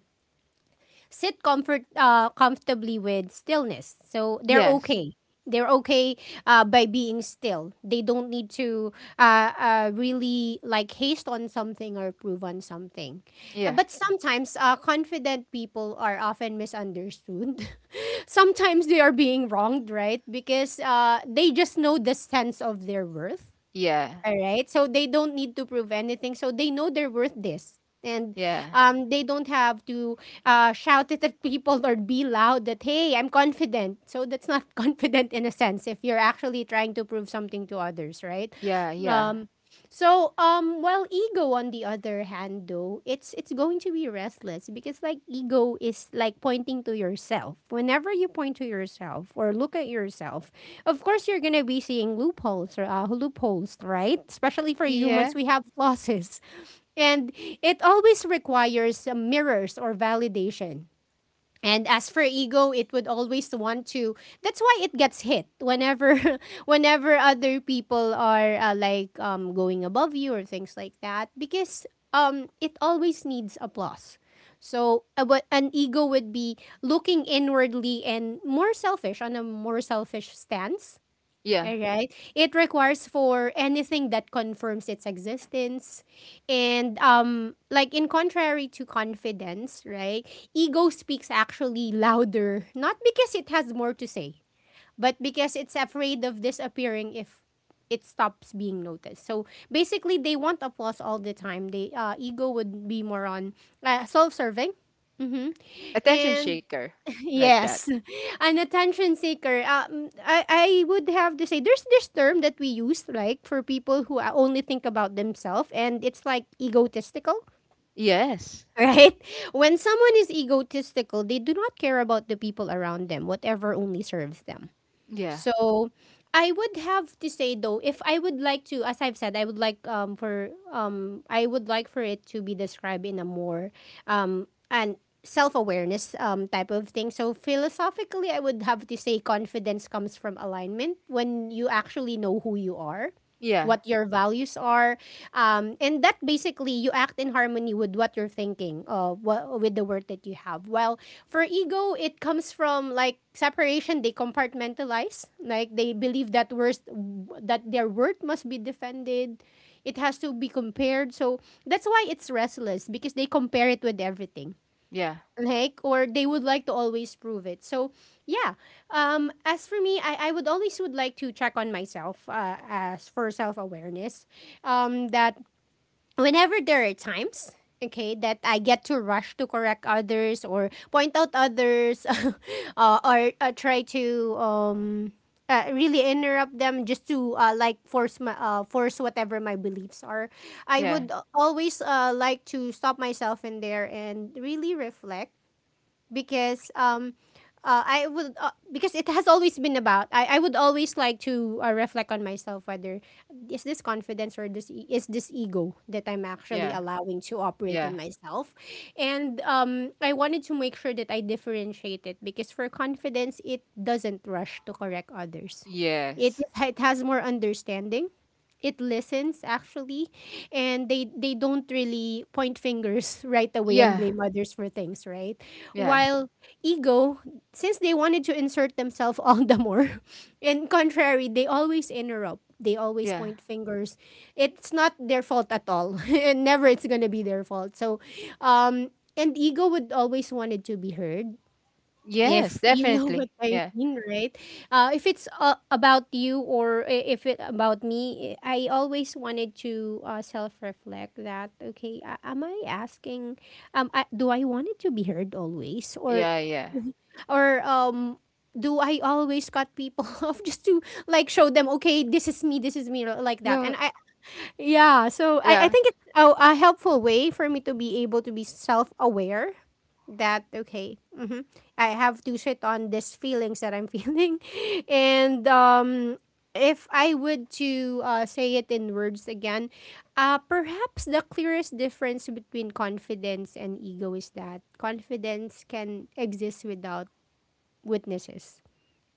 Speaker 1: sit comfort comfortably with stillness. So they're
Speaker 2: Yes.
Speaker 1: okay. They're okay by being still. They don't need to really like haste on something or prove on something.
Speaker 2: Yeah.
Speaker 1: But sometimes confident people are often misunderstood. Sometimes they are being wronged, right? Because they just know the sense of their worth.
Speaker 2: Yeah.
Speaker 1: Alright? So they don't need to prove anything. So they know they're worth this. And
Speaker 2: Yeah.
Speaker 1: they don't have to shout it at people or be loud that, "Hey, I'm confident." So that's not confident in a sense if you're actually trying to prove something to others, right?
Speaker 2: Yeah. Yeah.
Speaker 1: Um, well, ego on the other hand, though, it's going to be restless because like ego is like pointing to yourself. Whenever you point to yourself or look at yourself, of course you're gonna be seeing loopholes or loopholes, right? Especially for
Speaker 2: Yeah.
Speaker 1: humans, we have losses, and it always requires mirrors or validation. And as for ego, it would always want to. That's why it gets hit whenever, whenever other people are going above you or things like that, because it always needs applause. So an ego would be looking inwardly and more selfish on a more selfish stance.
Speaker 2: Yeah.
Speaker 1: Alright. It requires for anything that confirms its existence. And like in contrary to confidence, right? Ego speaks actually louder, not because it has more to say, but because it's afraid of disappearing if it stops being noticed. So basically they want applause all the time. They Ego would be more on self-serving. Mhm.
Speaker 2: Attention
Speaker 1: And
Speaker 2: shaker. Like that.
Speaker 1: yes, an attention seeker. I would have to say there's this term that we use like for people who only think about themselves, and it's like egotistical,
Speaker 2: Yes.
Speaker 1: right? When someone is egotistical, they do not care about the people around them. Whatever only serves them.
Speaker 2: Yeah.
Speaker 1: So I would have to say though, if I would like to, as I've said, I would like for I would like for it to be described in a more and self awareness type of thing. So philosophically, I would have to say confidence comes from alignment when you actually know who you are,
Speaker 2: Yeah.
Speaker 1: what your values are, and that basically you act in harmony with what you're thinking, with the word that you have. Well, for ego, it comes from like separation. They compartmentalize, like they believe that their worth must be defended. It has to be compared. So that's why it's restless because they compare it with everything.
Speaker 2: Yeah.
Speaker 1: Like, or they would like to always prove it. So yeah. As for me, I would always would like to check on myself, as for self awareness. That whenever there are times okay that I get to rush to correct others or point out others or try to really interrupt them just to like force my force whatever my beliefs are, I
Speaker 2: Yeah.
Speaker 1: would always like to stop myself in there and really reflect because I would because it has always been about, I would always like to reflect on myself whether is this confidence or is this ego that I'm actually
Speaker 2: Yeah.
Speaker 1: allowing to operate in
Speaker 2: Yeah.
Speaker 1: myself. And I wanted to make sure that I differentiate it because for confidence it doesn't rush to correct others, it
Speaker 2: Yes.
Speaker 1: it has more understanding, it listens actually, and they don't really point fingers right away and
Speaker 2: Yeah.
Speaker 1: blame others for things, right?
Speaker 2: Yeah.
Speaker 1: While ego, since they wanted to insert themselves all the more, in contrary they always interrupt, they always
Speaker 2: Yeah.
Speaker 1: point fingers. It's not their fault at all, and never it's going to be their fault. So um and ego would always wanted to be heard
Speaker 2: Yes,
Speaker 1: if you know what
Speaker 2: definitely.
Speaker 1: I
Speaker 2: Yeah.
Speaker 1: mean, right? If it's about you or if it about me, I always wanted to self-reflect that. Okay, am I asking? Do I want it to be heard always, or
Speaker 2: Yeah. Yeah.
Speaker 1: or do I always cut people off just to like show them? Okay, this is me. This is me, like that. And
Speaker 2: No.
Speaker 1: I yeah, so I
Speaker 2: Yeah.
Speaker 1: think it's a helpful way for me to be able to be self aware that, okay, hmm, I have to sit on these feelings that I'm feeling. And if I would to say it in words again, perhaps the clearest difference between confidence and ego is that confidence can exist without witnesses,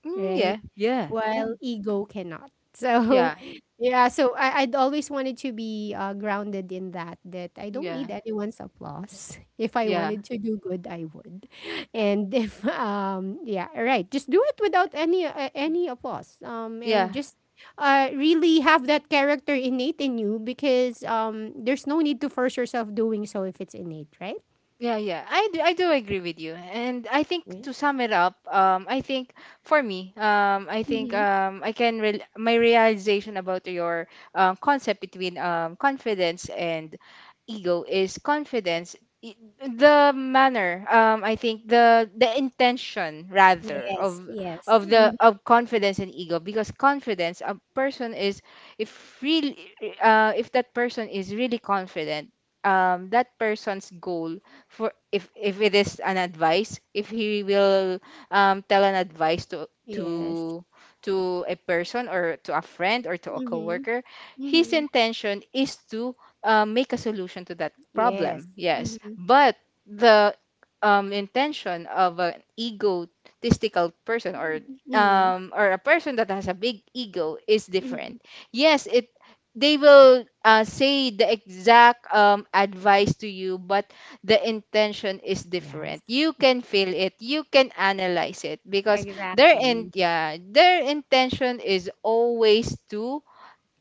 Speaker 2: Mm,
Speaker 1: right?
Speaker 2: yeah, yeah,
Speaker 1: While
Speaker 2: can.
Speaker 1: ego cannot. So,
Speaker 2: Yeah.
Speaker 1: yeah, so I'd always wanted to be grounded in that, that I don't
Speaker 2: Yeah.
Speaker 1: need anyone's applause. If I
Speaker 2: Yeah. Yeah.
Speaker 1: wanted to do good, I would. And if, yeah, right, just do it without any, any applause. And
Speaker 2: Yeah.
Speaker 1: just really have that character innate in you because there's no need to force yourself doing so if it's innate, right?
Speaker 2: Yeah, yeah. I do agree with you. And I think
Speaker 3: Yeah.
Speaker 2: to sum it up, I think for me, I think
Speaker 1: Mm-hmm.
Speaker 2: I can rel my realization about your concept between confidence and ego is confidence, i- the manner, I think the intention rather
Speaker 1: Yes, yes.
Speaker 2: of the
Speaker 1: Mm-hmm.
Speaker 2: of confidence and ego, because confidence, a person is, if, really, if that person is really confident, that person's goal, for, if it is an advice, if he will tell an advice to
Speaker 1: Yes.
Speaker 2: to a person or to a friend or to a
Speaker 1: Mm-hmm.
Speaker 2: coworker, his
Speaker 1: Mm-hmm.
Speaker 2: intention is to make a solution to that
Speaker 1: Yes.
Speaker 2: problem, yes.
Speaker 1: Mm-hmm.
Speaker 2: But the intention of an egotistical person,
Speaker 1: Mhm,
Speaker 2: or a person that has a big ego is different.
Speaker 1: mhm.
Speaker 2: Yes, it, they will say the exact advice to you, but the intention is different.
Speaker 1: Yes.
Speaker 2: You can feel it, you can analyze it, because their in
Speaker 1: Exactly.
Speaker 2: yeah, their intention is always to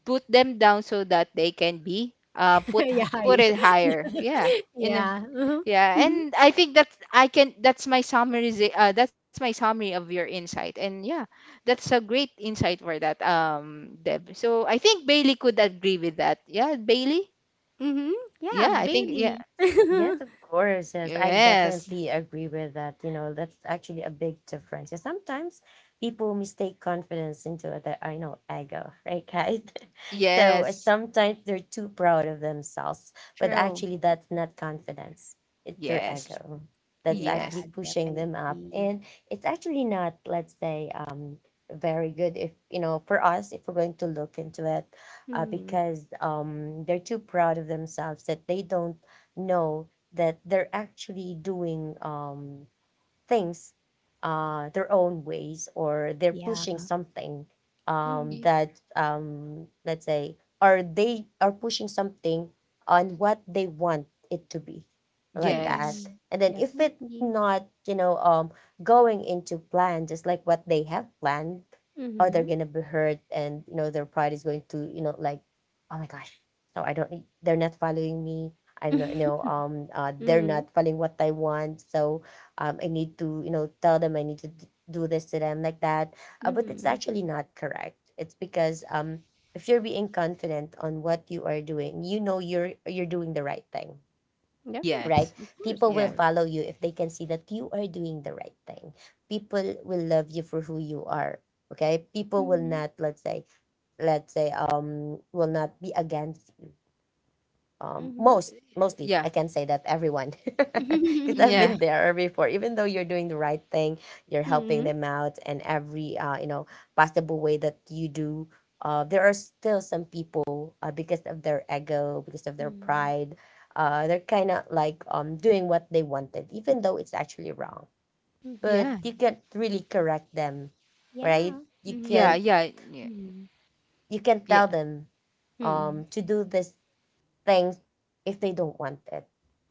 Speaker 2: put them down, so that they can be
Speaker 1: Yeah,
Speaker 2: put
Speaker 1: higher.
Speaker 2: it higher. Yeah. In a,
Speaker 1: Yeah. Mhm,
Speaker 2: yeah,
Speaker 1: mhm,
Speaker 2: and I think that's I can that's my summary, that's my summary of your insight. And yeah, that's a great insight for that, Deb. So I think Bailey could agree with that. Yeah, Bailey?
Speaker 1: mhm. Yeah,
Speaker 2: Yeah, I think, yeah.
Speaker 1: baby.
Speaker 3: Yes, of course. Yes, I
Speaker 2: Yes.
Speaker 3: definitely agree with that. You know, that's actually a big difference. Yeah, sometimes people mistake confidence into their, I know, ego, right, guys? So
Speaker 2: Yes.
Speaker 3: sometimes they're too proud of themselves, but
Speaker 1: True.
Speaker 3: actually, that's not confidence. It's their
Speaker 2: Yes.
Speaker 3: ego that's
Speaker 1: Yeah,
Speaker 2: Yes.
Speaker 3: actually pushing them up,
Speaker 1: definitely.
Speaker 3: and it's actually not, let's say, very good. If you know, for us, if we're going to look into it,
Speaker 1: Mhm.
Speaker 3: because they're too proud of themselves that they don't know that they're actually doing things their own ways, or they're
Speaker 1: Yeah.
Speaker 3: pushing something,
Speaker 2: y-
Speaker 1: Mhm,
Speaker 3: that let's say, or they are pushing something on what they want it to be, like
Speaker 2: Yes.
Speaker 3: that.
Speaker 1: mhm.
Speaker 3: And then if it
Speaker 1: Definitely.
Speaker 3: not, you know, going into plan just like what they have planned, or they're
Speaker 1: Mhm.
Speaker 3: gonna be hurt, and you know their pride is going to, you know, like, oh my gosh, no, I don't, they're not following me, I'm not, you know, they're
Speaker 1: Mhm,
Speaker 3: not following what I want. So I need to, you know, tell them I need to do this to them, like that. But it's
Speaker 1: mhm.
Speaker 3: actually not correct. It's because if you're being confident on what you are doing, you know you're doing the right thing,
Speaker 1: Definitely.
Speaker 3: right?
Speaker 2: Yes.
Speaker 1: Of course,
Speaker 3: People
Speaker 1: of
Speaker 3: will
Speaker 2: Yeah.
Speaker 1: course.
Speaker 3: follow you if they can see that you are doing the right thing. People will love you for who you are. Okay, people will
Speaker 1: Mhm,
Speaker 3: not, let's say, will not be against
Speaker 1: mhm.
Speaker 3: most mostly I
Speaker 2: Yeah.
Speaker 3: can say that everyone, because I've
Speaker 1: Mhm,
Speaker 2: Yeah.
Speaker 3: been there before. Even though you're doing the right thing, you're helping
Speaker 1: mhm,
Speaker 3: them out and every you know, possible way that you do, there are still some people, because of their ego, because of their
Speaker 1: mhm.
Speaker 3: pride, they're kind of like doing what they wanted, even though it's actually wrong. But
Speaker 2: Yeah.
Speaker 3: you can't really correct them, right?
Speaker 1: Yeah.
Speaker 3: You
Speaker 2: Yeah.
Speaker 1: Mhm,
Speaker 3: can't.
Speaker 2: Yeah.
Speaker 1: mhm,
Speaker 3: You can
Speaker 2: Yeah.
Speaker 3: tell them
Speaker 1: mhm.
Speaker 3: to do this things if they don't want it.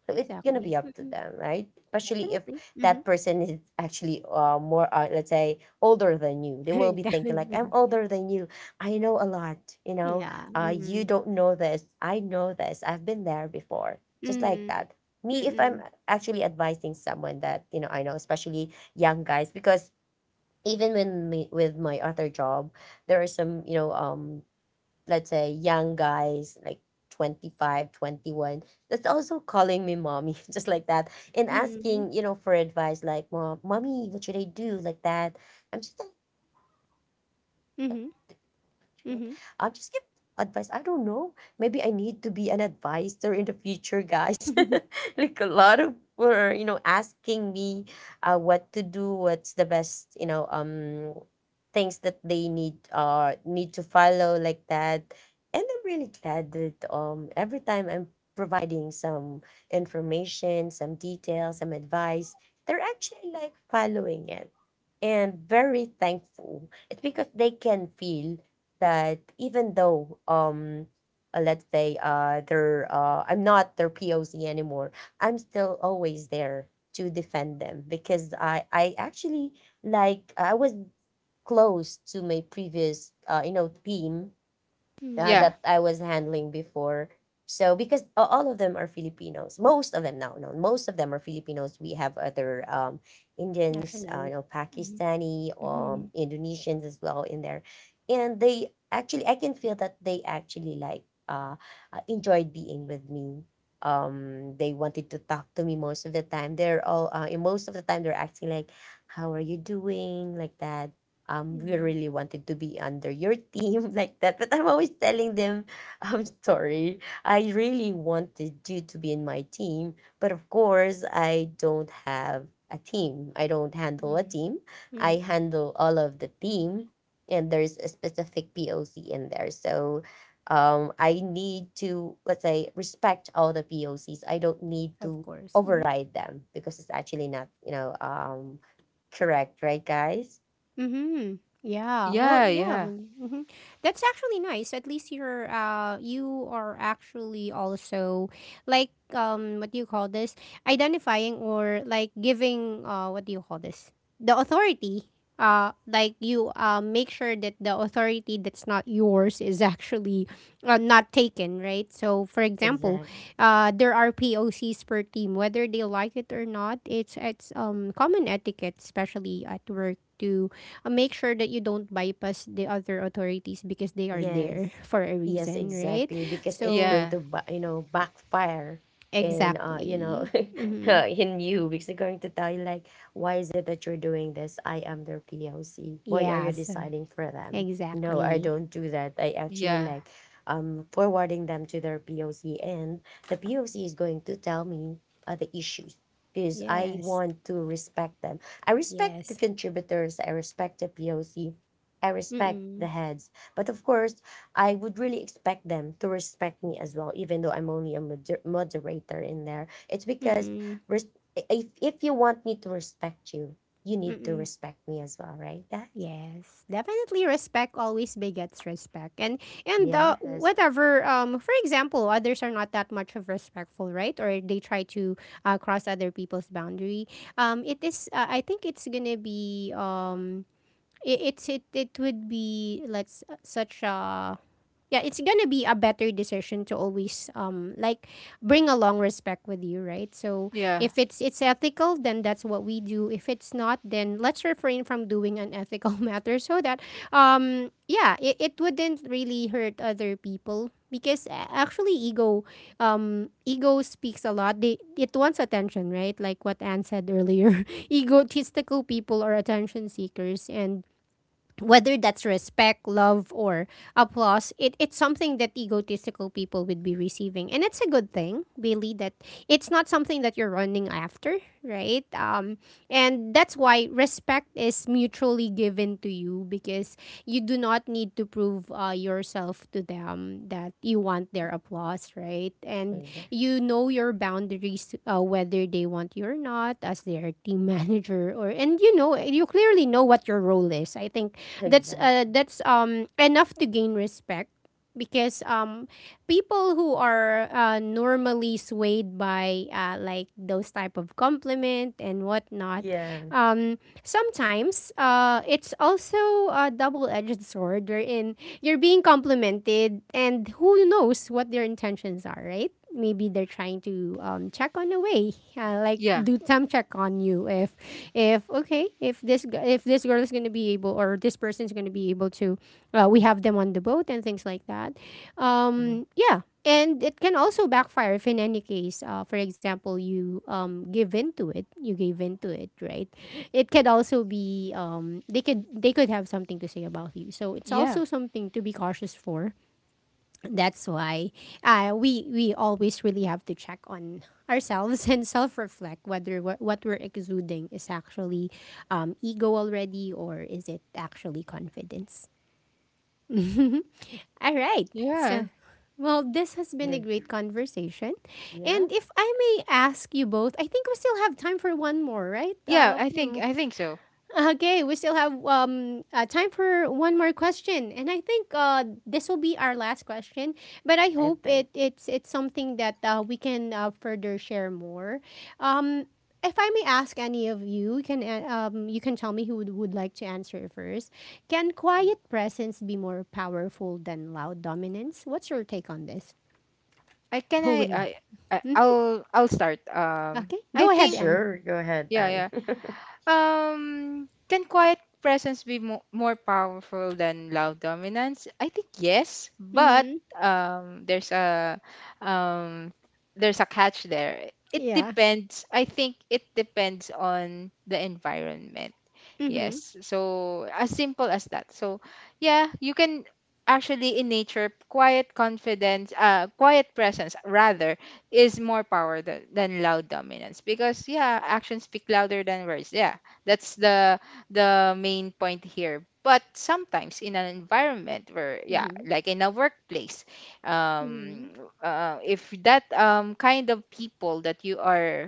Speaker 3: So it's gonna
Speaker 1: Exactly.
Speaker 3: be up to
Speaker 1: Mhm.
Speaker 3: them, right? Especially if
Speaker 1: Definitely. Mhm.
Speaker 3: that person is actually more, let's say, older than you. They will be thinking like, "I'm
Speaker 1: Definitely.
Speaker 3: older than you. I know a lot. You know,
Speaker 1: Yeah.
Speaker 3: you
Speaker 1: Mm.
Speaker 3: don't know this. I know this. I've been there before." Just like
Speaker 1: Mm.
Speaker 3: that. Me, if I'm
Speaker 1: Mm.
Speaker 3: actually advising someone that you know, I know, especially young guys, because even when me, with my other job, there are some, you know, let's say young guys like 25, 21, that's also calling me mommy, just like that, and
Speaker 1: Mm.
Speaker 3: asking, you know, for advice, like, mom, mommy, what should I do, like that. I'm just like,
Speaker 1: Mhm.
Speaker 3: shit.
Speaker 1: Mhm.
Speaker 3: I'll just give advice. I don't know. Maybe I need to be an advisor in the future, guys. Like a lot of people are, you know, asking me what to do, what's the best, you know, things that they need need to follow, like that. And I'm really glad that every time I'm providing some information, some details, some advice, they're actually like following it and very thankful. It's because they can feel that even though let's say, they're I'm not their POC anymore, I'm still always there to defend them, because I actually, like, I was close to my previous you know, team
Speaker 1: Mhm.
Speaker 2: Yeah.
Speaker 3: that I was handling before. So because all of them are Filipinos, most of them now, no, most of them are Filipinos. We have other Indians, you
Speaker 1: Nationality.
Speaker 3: know,
Speaker 1: Mhm.
Speaker 3: Pakistani,
Speaker 1: Mhm.
Speaker 3: Indonesians as well in there, and they actually, I can feel that they actually like enjoyed being with me. They wanted to talk to me most of the time. They're all, and most of the time, they're acting like, "How are you doing?" like that. Um, we
Speaker 1: Mhm.
Speaker 3: really wanted to be under your team, like that. But I'm always telling them, I'm sorry, I really wanted you to be in my team. But of course, I don't have a team. I don't handle a
Speaker 1: Mhm.
Speaker 3: team. I
Speaker 1: Mhm.
Speaker 3: handle all of the team. And there's a specific POC in there. So I need to, let's say, respect all the POCs. I don't need
Speaker 1: Of
Speaker 3: to
Speaker 1: course. Mhm.
Speaker 3: override them because it's actually not, you know, correct, right, guys?
Speaker 1: Mm-hmm. Yeah. Well,
Speaker 2: Yeah. Yeah.
Speaker 1: yeah.
Speaker 2: Yeah.
Speaker 1: Mm-hmm. That's actually nice. At least you're you are actually also like what do you call this? Identifying or like giving, what do you call this? The authority. Like you make sure that the authority that's not yours is actually not taken, right? So for example,
Speaker 3: Exactly.
Speaker 1: there are POCs per team whether they like it or not. It's common etiquette especially at work to make sure that you don't bypass the other authorities because they are
Speaker 3: Yes.
Speaker 1: there for a
Speaker 3: Yes,
Speaker 1: reason, right?
Speaker 3: exactly. Because it's
Speaker 1: So,
Speaker 3: going
Speaker 2: Yeah.
Speaker 3: to, you know, backfire in, you know,
Speaker 1: exactly. Mm-hmm.
Speaker 3: in you. Because they're going to tell you, like, why is it that you're doing this? I am their POC. Why are you
Speaker 1: Yes,
Speaker 3: deciding for them? No, I
Speaker 1: exactly.
Speaker 3: don't do that. I actually
Speaker 2: Yeah.
Speaker 3: like forwarding them to their POC, and the POC is going to tell me the issues because I
Speaker 1: Yes,
Speaker 3: want to respect them. I respect the
Speaker 1: yes.
Speaker 3: contributors. I respect the POC. I respect the
Speaker 1: Mm-mm.
Speaker 3: heads, but of course, I would really expect them to respect me as well, even though I'm only a moderator in there. It's because
Speaker 1: Mm-mm.
Speaker 3: res- if you want me to respect you, you need to
Speaker 1: Mm-mm.
Speaker 3: respect me as well, right, guys?
Speaker 1: Yes, definitely respect always begets respect. And
Speaker 3: Yes.
Speaker 1: whatever for example, others are not that much of respectful, right? Or they try to cross other people's boundary. It is I think it's going to be it, it's it it would be let's such a yeah it's gonna be a better decision to always like bring along respect with you, right? So
Speaker 2: Yeah.
Speaker 1: if it's ethical, then that's what we do. If it's not, then let's refrain from doing unethical matters so that yeah, it wouldn't really hurt other people because actually ego ego speaks a lot, they it wants attention, right? Like what Anne said earlier. Egotistical people are attention seekers, and whether that's respect, love, or applause, it's something that egotistical people would be receiving. And it's a good thing, Bailey, that it's not something that you're running after, right? And that's why respect is mutually given to you because you do not need to prove yourself to them that you want their applause, right? And
Speaker 3: Exactly.
Speaker 1: you know your boundaries, whether they want you or not, as their team manager, or and you know, you clearly know what your role is. I think that's
Speaker 3: Exactly.
Speaker 1: enough to gain respect because people who are normally swayed by like those type of compliment and whatnot
Speaker 3: Yeah.
Speaker 1: um sometimes, it's also a double-edged sword wherein you're being complimented and who knows what their intentions are, right? Maybe they're trying to check on a way, like
Speaker 2: Yeah.
Speaker 1: do temp check on you if okay, if if this girl is gonna be able or this person's gonna be able to we have them on the boat and things like that.
Speaker 3: Mm.
Speaker 1: Yeah, and it can also backfire if, in any case, for example, you give in to it. You gave in to it, right? It could also be they could have something to say about you. So it's
Speaker 2: Yeah.
Speaker 1: also something to be cautious for. That's why we always really have to check on ourselves and self reflect whether what we're exuding is actually ego already or is it actually confidence. All right.
Speaker 2: Yeah.
Speaker 1: So, well, this has been
Speaker 3: Yeah.
Speaker 1: a great conversation.
Speaker 3: Yeah.
Speaker 1: And if I may ask you both, I think we still have time for one more, right?
Speaker 2: Yeah. I think so.
Speaker 1: Okay, we still have time for one more question, and I think this will be our last question. But I
Speaker 3: I
Speaker 1: hope
Speaker 3: think.
Speaker 1: it's something that we can further share more. Um, if I may ask any of you, you can tell me who would like to answer first. Can quiet presence be more powerful than loud dominance? What's your take on this?
Speaker 2: I can
Speaker 1: Who would?
Speaker 2: I-
Speaker 1: Hmm.
Speaker 2: I'll start.
Speaker 1: Okay,
Speaker 2: I
Speaker 1: go ahead,
Speaker 2: think
Speaker 1: Anne.
Speaker 3: Sure. Go ahead,
Speaker 2: yeah,
Speaker 3: Anne.
Speaker 2: yeah. Can quiet presence be more powerful than loud dominance? I think yes, but
Speaker 1: Mm-hmm.
Speaker 2: um, there's a um, there's a catch there. It
Speaker 1: Yeah.
Speaker 2: depends. I think it depends on the environment.
Speaker 1: Mm-hmm.
Speaker 2: Yes. So as simple as that. So yeah, you can, actually in nature, quiet presence rather is more power than loud dominance, because yeah, actions speak louder than words. Yeah, that's the main point here. But sometimes in an environment where, yeah,
Speaker 1: Mm-hmm.
Speaker 2: like in a workplace, um
Speaker 1: Mm-hmm.
Speaker 2: if that kind of people that you are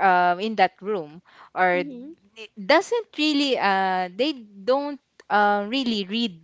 Speaker 2: in that room, or
Speaker 1: Mm-hmm.
Speaker 2: it doesn't really, they don't really read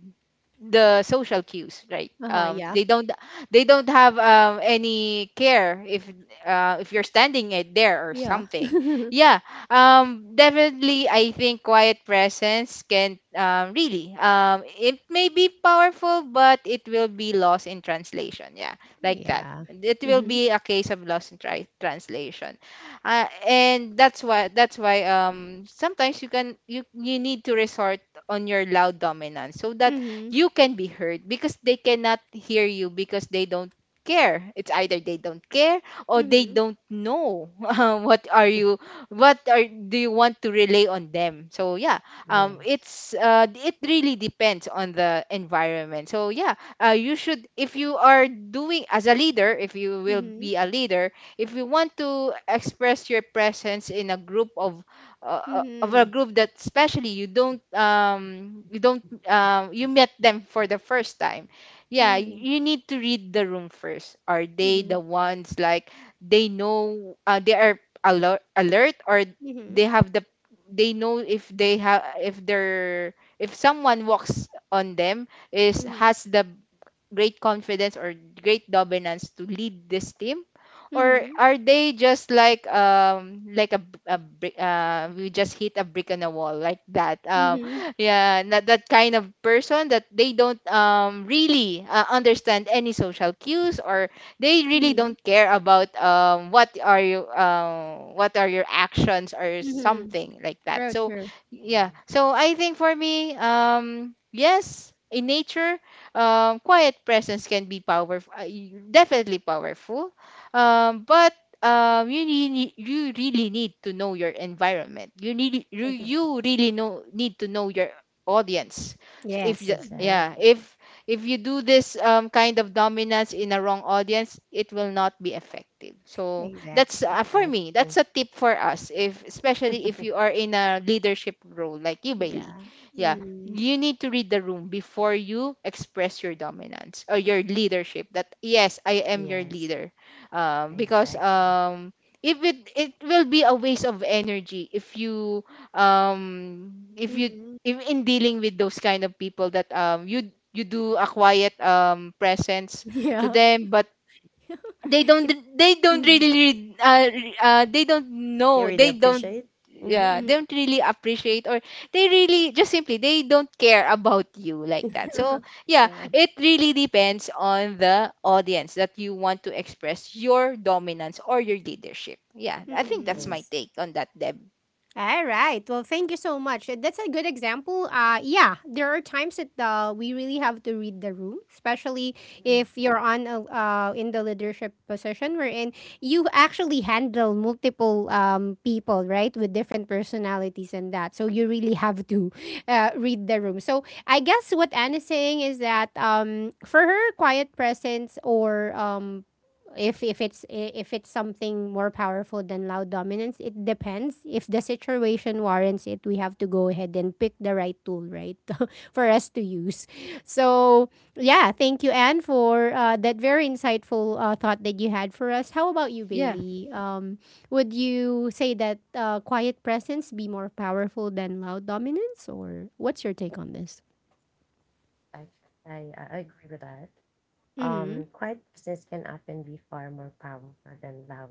Speaker 2: the social cues, right?
Speaker 1: Uh huh. Yeah.
Speaker 2: They don't, they don't have any care if you're standing it there or
Speaker 1: Yeah.
Speaker 2: something. Yeah. Definitely, I think quiet presence can really it may be powerful, but it will be lost in translation. Yeah, like that.
Speaker 1: Yeah.
Speaker 2: It will
Speaker 1: Mhm.
Speaker 2: be a case of lost in translation, and that's why, that's why sometimes you can, you need to resort on your loud dominance so that
Speaker 1: Mhm.
Speaker 2: you can be heard, because they cannot hear you because they don't care. It's either they don't care or they
Speaker 1: Mhm.
Speaker 2: don't know what are you, what are, do you want to relay on them? So yeah,
Speaker 3: Yes.
Speaker 2: it's it really depends on the environment. So yeah, you should, if you are doing as a leader, if you will
Speaker 1: Mhm.
Speaker 2: be a leader, if you want to express your presence in a group of, of a
Speaker 1: Mhm.
Speaker 2: group that, especially you don't, you don't, you met them for the first time, yeah,
Speaker 1: Mhm.
Speaker 2: you need to read the room first. Are they the
Speaker 1: Mhm.
Speaker 2: ones like they know, they are alert, alert, or
Speaker 1: Mhm.
Speaker 2: they have the, they know if they have, if they're, if someone walks on them, is
Speaker 1: Mhm.
Speaker 2: has the great confidence or great dominance to lead this team, or
Speaker 1: Mhm.
Speaker 2: are they just like a, a brick, we just hit a brick on a wall, like that?
Speaker 1: Mhm.
Speaker 2: Yeah, not that kind of person, that they don't really understand any social cues, or they really
Speaker 1: Mhm.
Speaker 2: don't care about what are you, what are your actions, or
Speaker 1: Mhm.
Speaker 2: something like that.
Speaker 1: True.
Speaker 2: So
Speaker 1: True.
Speaker 2: yeah,
Speaker 3: Um,
Speaker 2: so I think for me, yes, in nature, quiet presence can be powerful, definitely powerful. But you really need to know your environment. You need, you
Speaker 1: Exactly.
Speaker 2: really know need to know your audience. So, if
Speaker 1: Yes.
Speaker 2: the, yeah,
Speaker 3: exactly.
Speaker 2: if you do this kind of dominance in a wrong audience, it will not be effective. So that's,
Speaker 1: Exactly.
Speaker 2: for me,
Speaker 3: Exactly.
Speaker 2: that's a tip for us, if, especially if you are in a leadership role like you, Bailey.
Speaker 1: Yeah.
Speaker 2: Yeah,
Speaker 1: Mm.
Speaker 2: you need to read the room before you express your dominance or your leadership, that yes, I am your
Speaker 3: Yes.
Speaker 2: leader, because
Speaker 3: Exactly.
Speaker 2: if it, it will be a waste of energy if you um if you
Speaker 1: Mhm.
Speaker 2: if, in dealing with those kind of people that you, you do a quiet presence to
Speaker 1: Yeah.
Speaker 2: them, but they don't,
Speaker 1: It's
Speaker 2: they don't
Speaker 1: Mhm.
Speaker 2: really read, they don't
Speaker 3: You
Speaker 2: know,
Speaker 3: really
Speaker 2: they don't,
Speaker 3: appreciate. Mm-hmm.
Speaker 2: yeah, they
Speaker 1: Mhm.
Speaker 2: don't really appreciate, or they really just simply they don't care about you, like that. So yeah,
Speaker 1: true.
Speaker 2: it really depends on the audience that you want to express your dominance or your leadership. Yeah, I think that's
Speaker 1: Mhm.
Speaker 2: my
Speaker 3: Nice.
Speaker 2: take on that, Deb.
Speaker 1: All right. Well, thank you so much. That's a good example. Yeah, there are times that we really have to read the room, especially if you're on a, in the leadership position wherein you actually handle multiple people, right, with different personalities and that. So you really have to read the room. So I guess what Anne is saying is that for her, quiet presence or if if it's something more powerful than loud dominance, it depends. If the situation warrants it, we have to go ahead and pick the right tool, right? For us to use. So yeah, thank you, Anne, for that very insightful thought that you had for us. How about you,
Speaker 2: Yeah.
Speaker 1: Bailey? Would you say that quiet presence be more powerful than loud dominance, or what's your take on this?
Speaker 3: I, I agree with that.
Speaker 1: Mm-hmm.
Speaker 3: Quiet business can often be far more powerful than loud,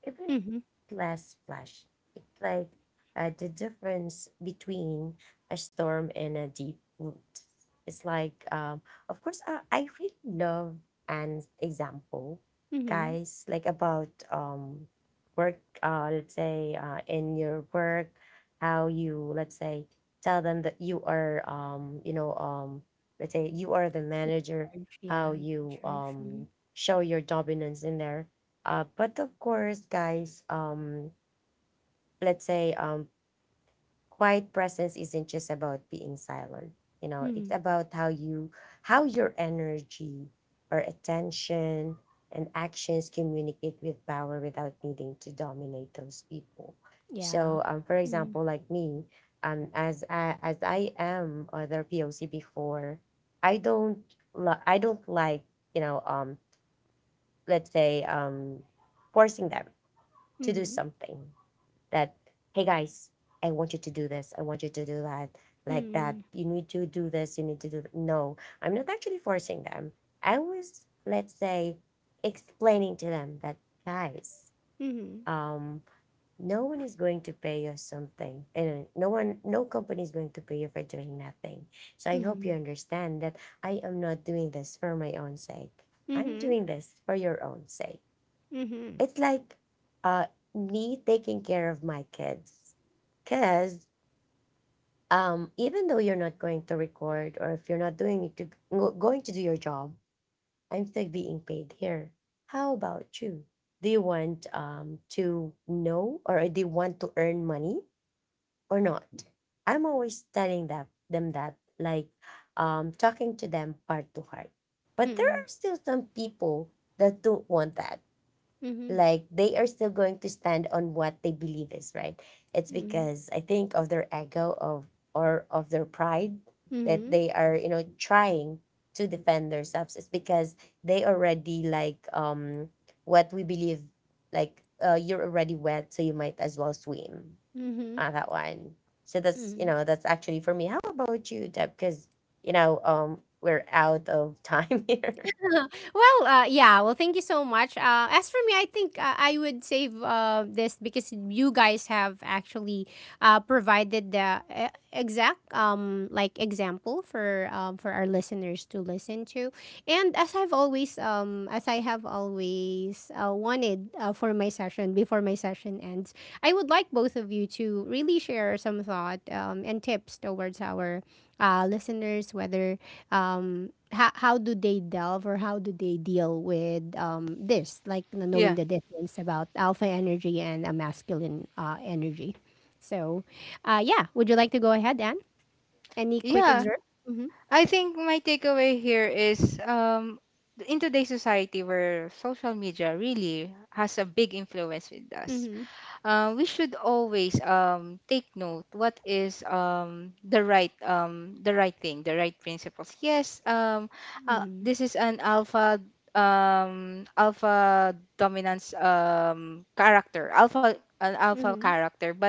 Speaker 3: even
Speaker 1: Mm-hmm.
Speaker 3: less flash. It's like the difference between a storm and a deep root. It's like, of course, I really love an example,
Speaker 1: Mm-hmm.
Speaker 3: guys, like about work, let's say, in your work, how you, let's say, tell them that you are, you know, let's say you are the
Speaker 1: Yeah
Speaker 3: manager,
Speaker 1: in charge.
Speaker 3: how
Speaker 1: Yeah, in
Speaker 3: you
Speaker 1: charge. Mm-hmm.
Speaker 3: show your dominance in there. But of course, guys, let's say, quiet presence isn't just about being silent. You know, it's
Speaker 1: Mm-hmm.
Speaker 3: about how you, how your energy or attention and actions communicate with power without needing to dominate those people. So,
Speaker 1: Yeah.
Speaker 3: for example,
Speaker 1: Mm.
Speaker 3: like me, as I am other POC before, I don't, I don't like, you know, let's say, forcing them to do
Speaker 1: Mhm.
Speaker 3: something, that, hey guys, I want you to do this. I want you to do that, like that.
Speaker 1: Mhm.
Speaker 3: You need to do this. You need to do that. No, I'm not actually forcing them. I was, let's say, explaining to them that, guys, um, no one is going to pay you something. And no one, no company is going to pay you for doing nothing. So I hope you
Speaker 1: Mhm.
Speaker 3: understand that I am not doing this for my own sake. I'm
Speaker 1: Mhm.
Speaker 3: doing this for your own sake.
Speaker 1: Mhm.
Speaker 3: It's like uh me taking care of my kids, because even though you're not going to record, or if you're not doing it to going to do your job, I'm still being paid here. How about you? Do you want to know, or do you want to earn money or not? I'm always telling that them that, like, talking to them heart to heart. But there are
Speaker 1: Mhm.
Speaker 3: still some people that don't want that,
Speaker 1: Mhm.
Speaker 3: like they are still going to stand on what they believe is right. It's
Speaker 1: Mhm. Mhm.
Speaker 3: because I think of their ego of, or of their pride, that they
Speaker 1: Mhm.
Speaker 3: are, you know, trying to defend themselves. It's because they already, like, what we believe, like, you're already wet so you might as well swim on
Speaker 1: Mhm.
Speaker 3: that one. So that's, you
Speaker 1: Mhm.
Speaker 3: know, that's actually for me. How about you, Deb? Because you know, we're out of time. Here.
Speaker 1: Well, yeah. Well, thank you so much. As for me, I think I would save this because you guys have actually provided the exact like example for our listeners to listen to. And as I've always as I have always wanted for my session before my session ends, I would like both of you to really share some thought and tips towards our listeners, whether how do they delve or how do they deal with this, like you knowing
Speaker 2: Yeah.
Speaker 1: the difference about alpha energy and a masculine energy. So yeah, would you like to go ahead, Anne? Any quick
Speaker 2: Yeah,
Speaker 1: excerpt? Mm-hmm.
Speaker 2: I think my takeaway here is, in today's society where social media really has a big influence with us,
Speaker 1: Mm-hmm.
Speaker 2: we should always take note what is the right thing, the right principles. Yes,
Speaker 1: Mm-hmm.
Speaker 2: this is an alpha alpha dominance, character, alpha, an alpha
Speaker 1: Mm-hmm.
Speaker 2: character. But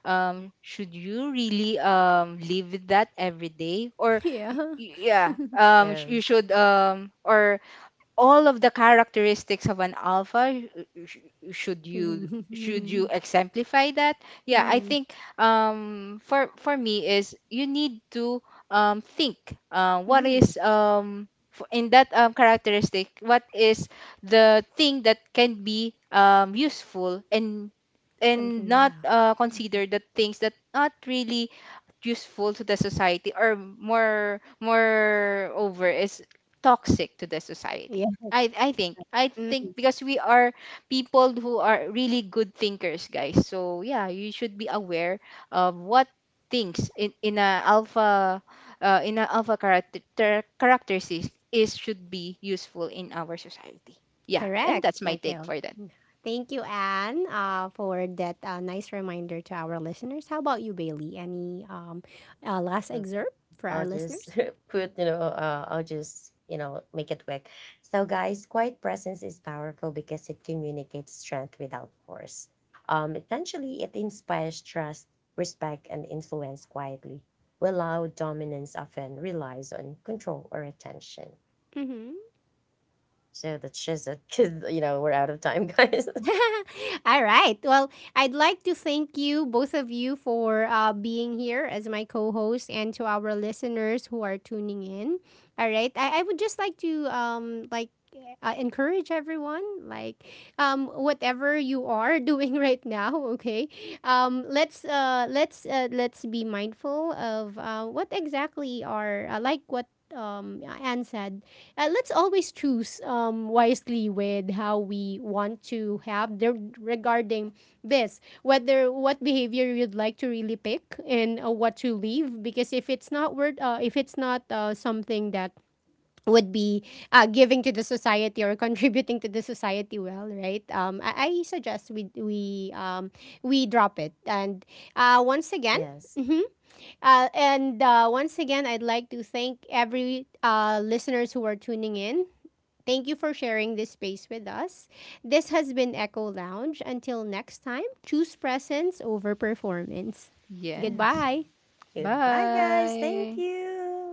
Speaker 2: should you really live with that every day? Or
Speaker 1: Yeah.
Speaker 2: yeah, you should or all of the characteristics of an alpha, sh- sh- should you should you
Speaker 1: Mm-hmm.
Speaker 2: exemplify that? Yeah, I
Speaker 1: Mm-hmm.
Speaker 2: think for me is, you need to think, what
Speaker 1: Mm-hmm.
Speaker 2: is, in that characteristic, what is the thing that can be useful, and
Speaker 1: Something
Speaker 2: not
Speaker 1: yeah.
Speaker 2: consider the things that not really useful to the society, or more, more over is toxic to the
Speaker 1: Yeah.
Speaker 2: society. I think, I think
Speaker 1: Mm-hmm.
Speaker 2: because we are people who are really good thinkers, guys. So yeah, you should be aware of what things in a alpha, in a alpha character characteristics is should be useful in our society. Yeah,
Speaker 1: Correct.
Speaker 2: and that's my
Speaker 1: Okay.
Speaker 2: take
Speaker 1: Oh,
Speaker 2: for that.
Speaker 1: thank you, Anne, for that nice reminder to our listeners. How about you, Bailey? Any last
Speaker 3: Okay.
Speaker 1: excerpt for
Speaker 3: I'll
Speaker 1: our
Speaker 3: just
Speaker 1: listeners?
Speaker 3: put, you know, I'll just, you know, make it quick. So, guys, quiet presence is powerful because it communicates strength without force. Essentially, it inspires trust, respect, and influence quietly, while loud dominance often relies on control or attention.
Speaker 1: Mm-hmm.
Speaker 3: So that's just it, because, you know, we're out of time, guys.
Speaker 1: All right. Well, I'd like to thank you, both of you, for being here as my co host and to our listeners who are tuning in. All right. I would just like to, like, encourage everyone like whatever you are doing right now, okay, let's let's be mindful of what exactly are like what Anne said. Let's always choose wisely with how we want to have the, regarding this, whether what behavior you'd like to really pick and what to leave, because if it's not worth if it's not something that would be giving to the society or contributing to the society well, right? I suggest we drop it. And once again,
Speaker 3: Yes.
Speaker 1: hmm, and once again, I'd like to thank every listeners who are tuning in. Thank you for sharing this space with us. This has been Echo Lounge. Until next time, choose presence over performance.
Speaker 2: Yes.
Speaker 3: Yeah.
Speaker 1: Goodbye.
Speaker 3: Goodbye, guys. Thank
Speaker 2: Bye.
Speaker 3: you.